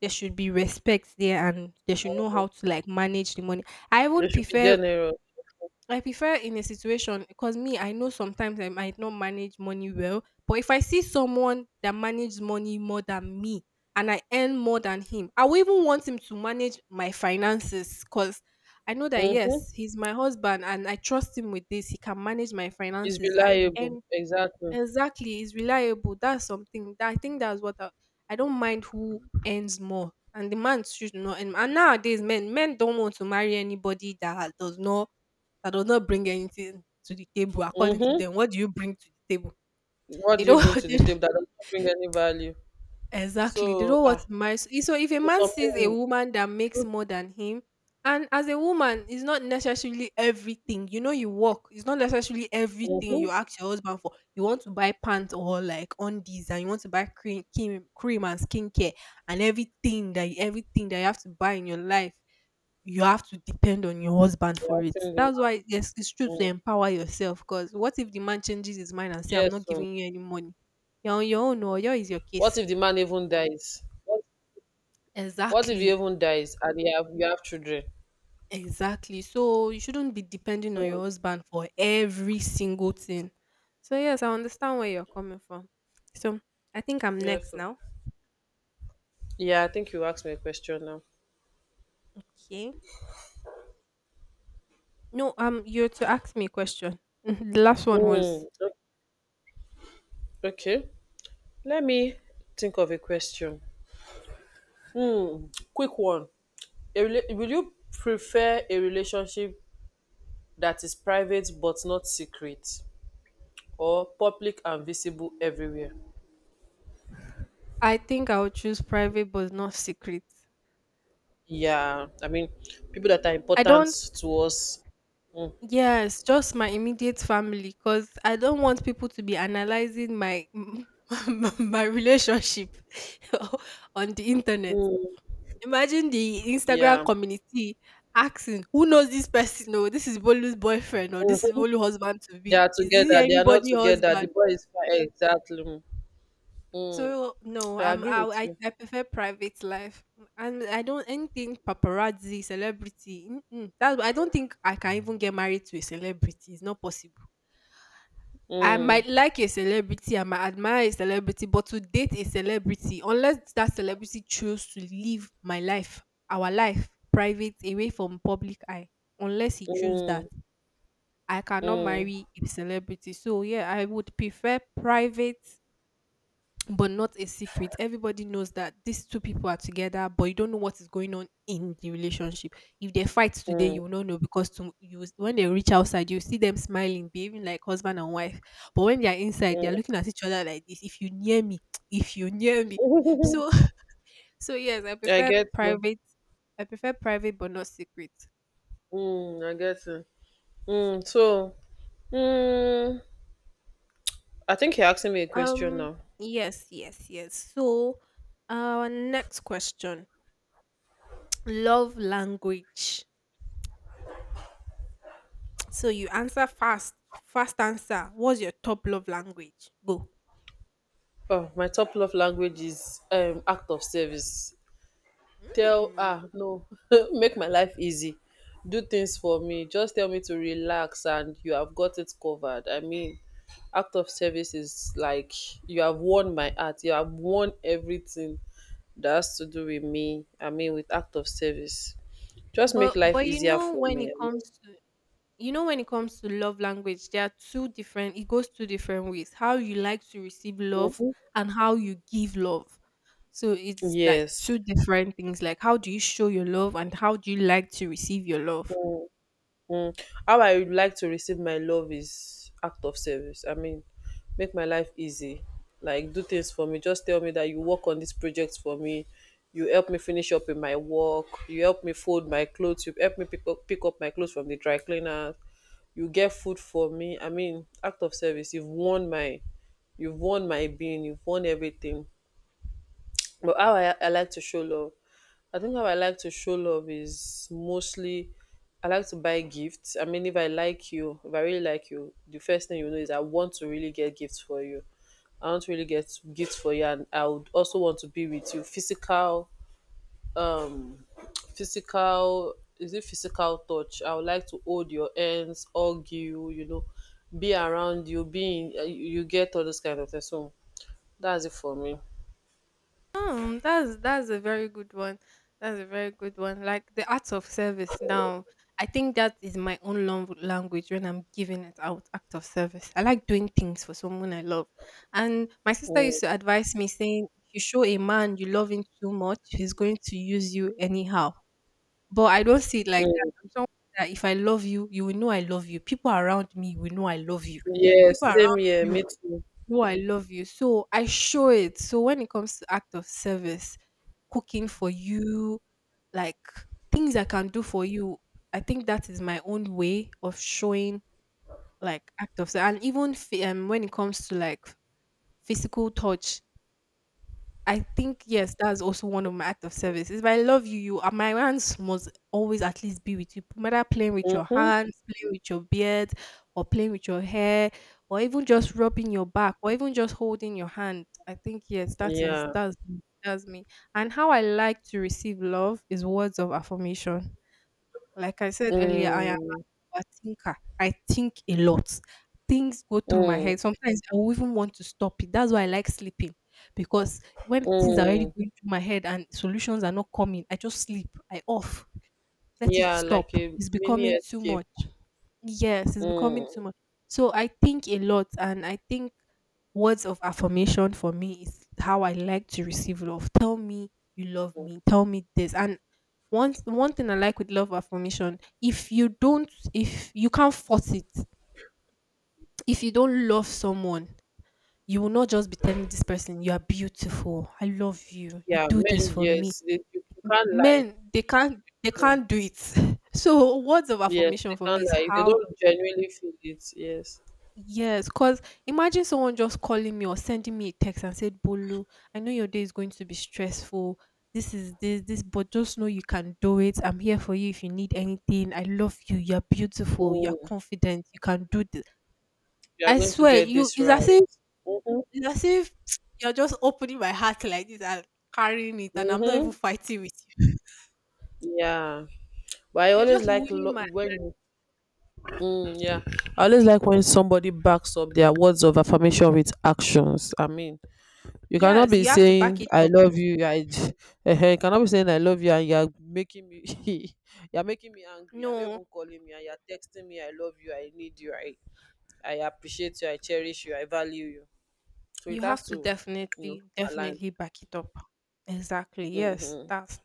there should be respect there, and they should know how to like manage the money. I even
You should be
prefer
general.
I prefer in a situation because me, I know sometimes I might not manage money well, but if I see someone that manages money more than me and I earn more than him, I will even want him to manage my finances because I know that
Mm-hmm.
yes, he's my husband and I trust him with this. He can manage my
It's
finances. I
reliable.
earn
Exactly.
exactly. He's reliable. That's something that I think that's what I, I don't mind who earns more. And the man should not. And, and nowadays, men men don't want to marry anybody that does not that does not bring anything to the table according to
Mm-hmm.
them. What do you bring to the table?
What
They
do you
don't
bring to
they
the
don't-
table that does not bring any value?
exactly. They
So,
don't want
ah,
to marry. So so if a
there's
man sees a
something.
woman that makes more than him, and as a woman, it's not necessarily everything. You know, you work. It's not necessarily everything
Mm-hmm.
you ask your husband for. You want to buy pants or like undies, and you want to buy cream, cream, cream and skincare, and everything that everything that you have to buy in your life you have to depend on your husband
Yeah,
for
I've
it.
seen the
That's why
man.
yes, it's true to
Mm.
empower yourself. Cause what if the man changes his mind and say, "I'm
Yes.
not
So,
giving you any money"? You're on your own, or your is your
what
case.
if the man even dies? What, what if he
Exactly,
even dies and you have you have children?
exactly. So you shouldn't be depending on your
So,
husband for every single thing. So yes, I understand where you're coming from. So I think I'm
yes.
next
So.
now.
Yeah, I think you asked me a question now.
Okay. No, um, you're to ask me a question. The last one was,
Mm, o- okay. Let me think of a question. Hmm, quick one. A rela- will you prefer a relationship that is private but not secret or public and visible everywhere?
I think I would choose private, but not secret.
Yeah, I mean, people that are
I
important
don't.
to us. Mm.
Yes, just my immediate family, cause I don't want people to be analyzing my my relationship on the internet.
Mm.
Imagine the Instagram
Yeah,
community asking, "Who knows this person? No, this is Bolu's boyfriend, or this is
mhm.
Bolu husband to
They
be.
are
Is this
together. They are not
anybody
together. The
husband?"
boy is fine. Exactly. Mm. Mm.
So no,
I
I'm
agree with
I I,
you.
I prefer private life, and I don't anything paparazzi, celebrity. Mm-mm. That I don't think I can even get married to a celebrity. It's not possible. I
Mm.
might like a celebrity, I might admire a celebrity, but to date a celebrity, unless that celebrity chose to live my life, our life, private, away from public eye, unless he choose that,
Mm.
I cannot
Mm.
marry a celebrity. So yeah, I would prefer private but not a secret. Everybody knows that these two people are together, but you don't know what is going on in the relationship. If they fight today,
Mm.
you will not know because to, you when they reach outside, you see them smiling, behaving like husband and wife. But when they are inside, they
Mm.
are looking at each other like this. If you near me, if you near me. So so yes, I
I
prefer
get you.
private. I prefer private but not secret.
Mm. I get you. Mm. So, mm, I think you're asking me a question
Um
now.
yes, yes, yes. So our next question. Love language. So you answer fast. Fast answer. What's your top love language? Go.
Oh, my top love language is um, act of service. Tell
Mm.
ah no, make my life easy. Do things for me. Just tell me to relax, and you have got it covered. I mean, act of service is like you have won my heart. You have won everything that has to do with me. I mean, with act of service, just make
But
life
but you
easier
know
for
when it
me. I
comes
mean,
to you know when it comes to love language, there are two different it goes two different ways. How you like to receive love and how you give love. So it's like
yes.
two different things. Like how do you show your love and how do you like to receive your love?
Mm. How I would like to receive my love is act of service. I mean, make my life easy. Like do things for me. Just tell me that you work on this project for me. You help me finish up in my work. You help me fold my clothes. You help me pick up pick up my clothes from the dry cleaner. You get food for me. I mean, act of service. You've won my you've won my being. You've won everything. But how I, I like to show love, I think how I like to show love is mostly I like to buy gifts. I mean, if I like you, if I really like you, the first thing you know is I want to really get gifts for you. I want to really get gifts for you, and I would also want to be with you. Physical, um, physical, is it physical touch? I would like to hold your hands, hug you, you know, be around you, being you you get all those kind of things. So that's it for me.
Um, that's that's a very good one. That's a very good one. Like the act of service. Now, I think that is my own love language when I'm giving it out. Act of service. I like doing things for someone I love, and my sister used
Mm.
to advise me saying, "If you show a man you love him too much, he's going to use you anyhow." But I don't see it like that. I'm someone that if I love you, you will know I love you. People around me will know I love you.
Yes,
People
same
around
here,
you
me too.
know I love you. So I show it. So when it comes to act of service, cooking for you, like things I can do for you, I think that is my own way of showing like act of service. And even f- um, when it comes to like physical touch, I think yes, that's also one of my acts of service. If I love you, you are my hands must always at least be with you. No matter playing with your
Hmm,
hands, playing with your beard, or playing with your hair, or even just rubbing your back, or even just holding your hand. I think yes, that is
yeah.
that's that's me. And how I like to receive love is words of affirmation. Like I said earlier, I am
Mm,
an overthinker. I think a lot. Things go through my
mm,
head. Sometimes I will even want to stop it. That's why I like sleeping because when things are already
mm.
going through my head and solutions are not coming, I just sleep. I off. Let it
Yeah, like
stop.
a
It's
mini
becoming too
escape.
much. Yes, it's becoming too
Mm.
much. So I think a lot, and I think words of affirmation for me is how I like to receive love. Tell me you love me. Tell me this. And one one thing I like with love affirmation, if you don't, if you can't force it, if you don't love someone, you will not just be telling this person you are beautiful. I love you. You
Yeah,
do this
men,
for me.
yes, they, you, you can't lie.
Men, they can't they
Mm.
can't do it. So words of
Yes, they
affirmation for
can't
me is
lie. If they
how.
don't genuinely feel it, yes.
Yes, because imagine someone just calling me or sending me a text and said, Bolu, I know your day is going to be stressful. This is this, this, but just know you can do it. I'm here for you if you need anything. I love you. You're beautiful. You're
Mm.
confident. You can do this.
You are
I
going to
swear,
get
you
this
it's
right.
as if
Mm-hmm.
it's as if you're just opening my heart like this and carrying it, and I'm not even
Mm-hmm.
fighting with you.
Yeah. But I
You're
always
just
like
winning
lo-
my.
when you, mm, yeah. I always like when somebody backs up their words of affirmation with actions. I mean, you cannot
Yes,
be
you have to back
saying
it
I
up.
love you, I uh you cannot be saying I love you, and you're making me you're making me angry, you're not
No,
even calling me and you're texting me I love you, I need you, i i appreciate you, I cherish you, I value you, so
you
it
have
has
to
to you know
definitely,
align.
definitely back it up. Exactly. Yes,
hmm
that's.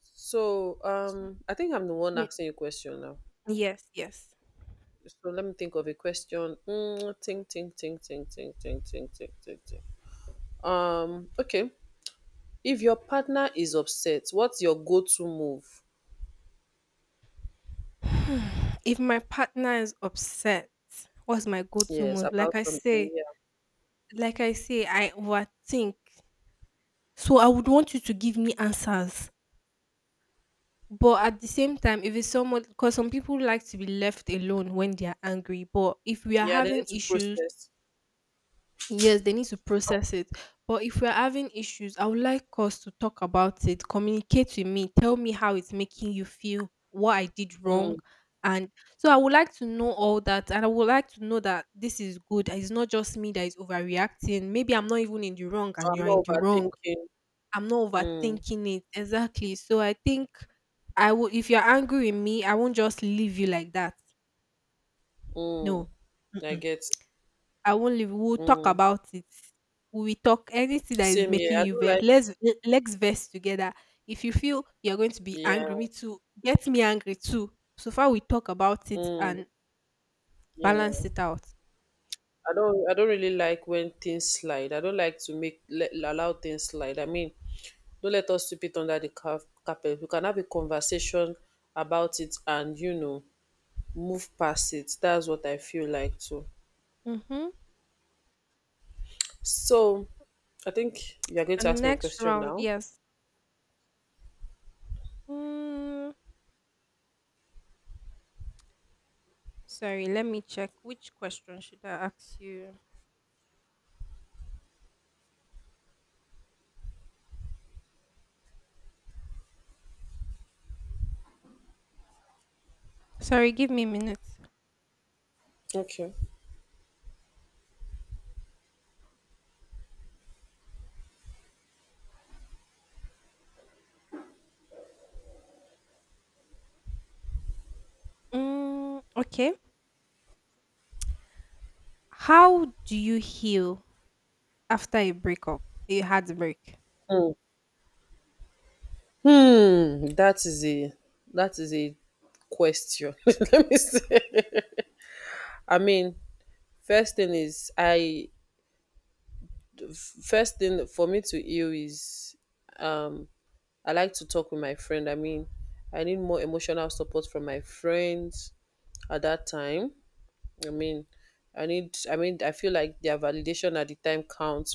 so
So
um I think I'm the one
mm,
asking you question now.
yes, yes,
So let me think of a question, mm, think think think think think think think think think think um okay. If your partner is upset, what's your go-to move?
Hmm, if my partner is upset, what's my go-to
Yes,
mode?
about
Like I
something.
say,
Yeah.
like I say, I overthink. So I would want you to give me answers. But at the same time, if it's someone, because some people like to be left alone when they are angry. But if we are
Yeah, they
having
need to
issues.
process.
Yes, they need to process it. But if we're having issues, I would like us to talk about it, communicate with me, tell me how it's making you feel, what I did wrong.
Mm.
And so I would like to know all that. And I would like to know that this is good. It's not just me that is overreacting. Maybe I'm not even in the wrong and
I'm
you're in
not
the wrong.
overthinking.
I'm not
Mm.
overthinking it. Exactly. So I think I will, if you're angry with me, I won't just leave you like that. No.
Mm. I get.
I won't leave. We'll talk
Mm.
about it. We will talk anything that is
Same here.
making
I
you
don't
vex.
like.
Let's let's vex together. If you feel you're going to be
Yeah.
angry, me too. Get me angry too. So far, we talk about it
Mm.
and balance
Yeah.
it out.
I don't. I don't really like when things slide. I don't like to make let, allow things slide. I mean, don't let us sweep it under the car- carpet. We can have a conversation about it and you know move past it. That's what I feel like too.
Mm-hmm.
So, I think you are going to
And
ask me a
next
question
round,
now.
yes. Mm, sorry, let me check. Which question should I ask you? Sorry, give me a minute.
Okay.
Mm, okay. How do you heal after a breakup, a heartbreak?
Hmm. Hmm, that is a that is a question. Let me say. I mean, first thing is I first thing for me to heal is um I like to talk with my friend. I mean, I need more emotional support from my friends at that time. I mean, I need I mean, I feel like their validation at the time counts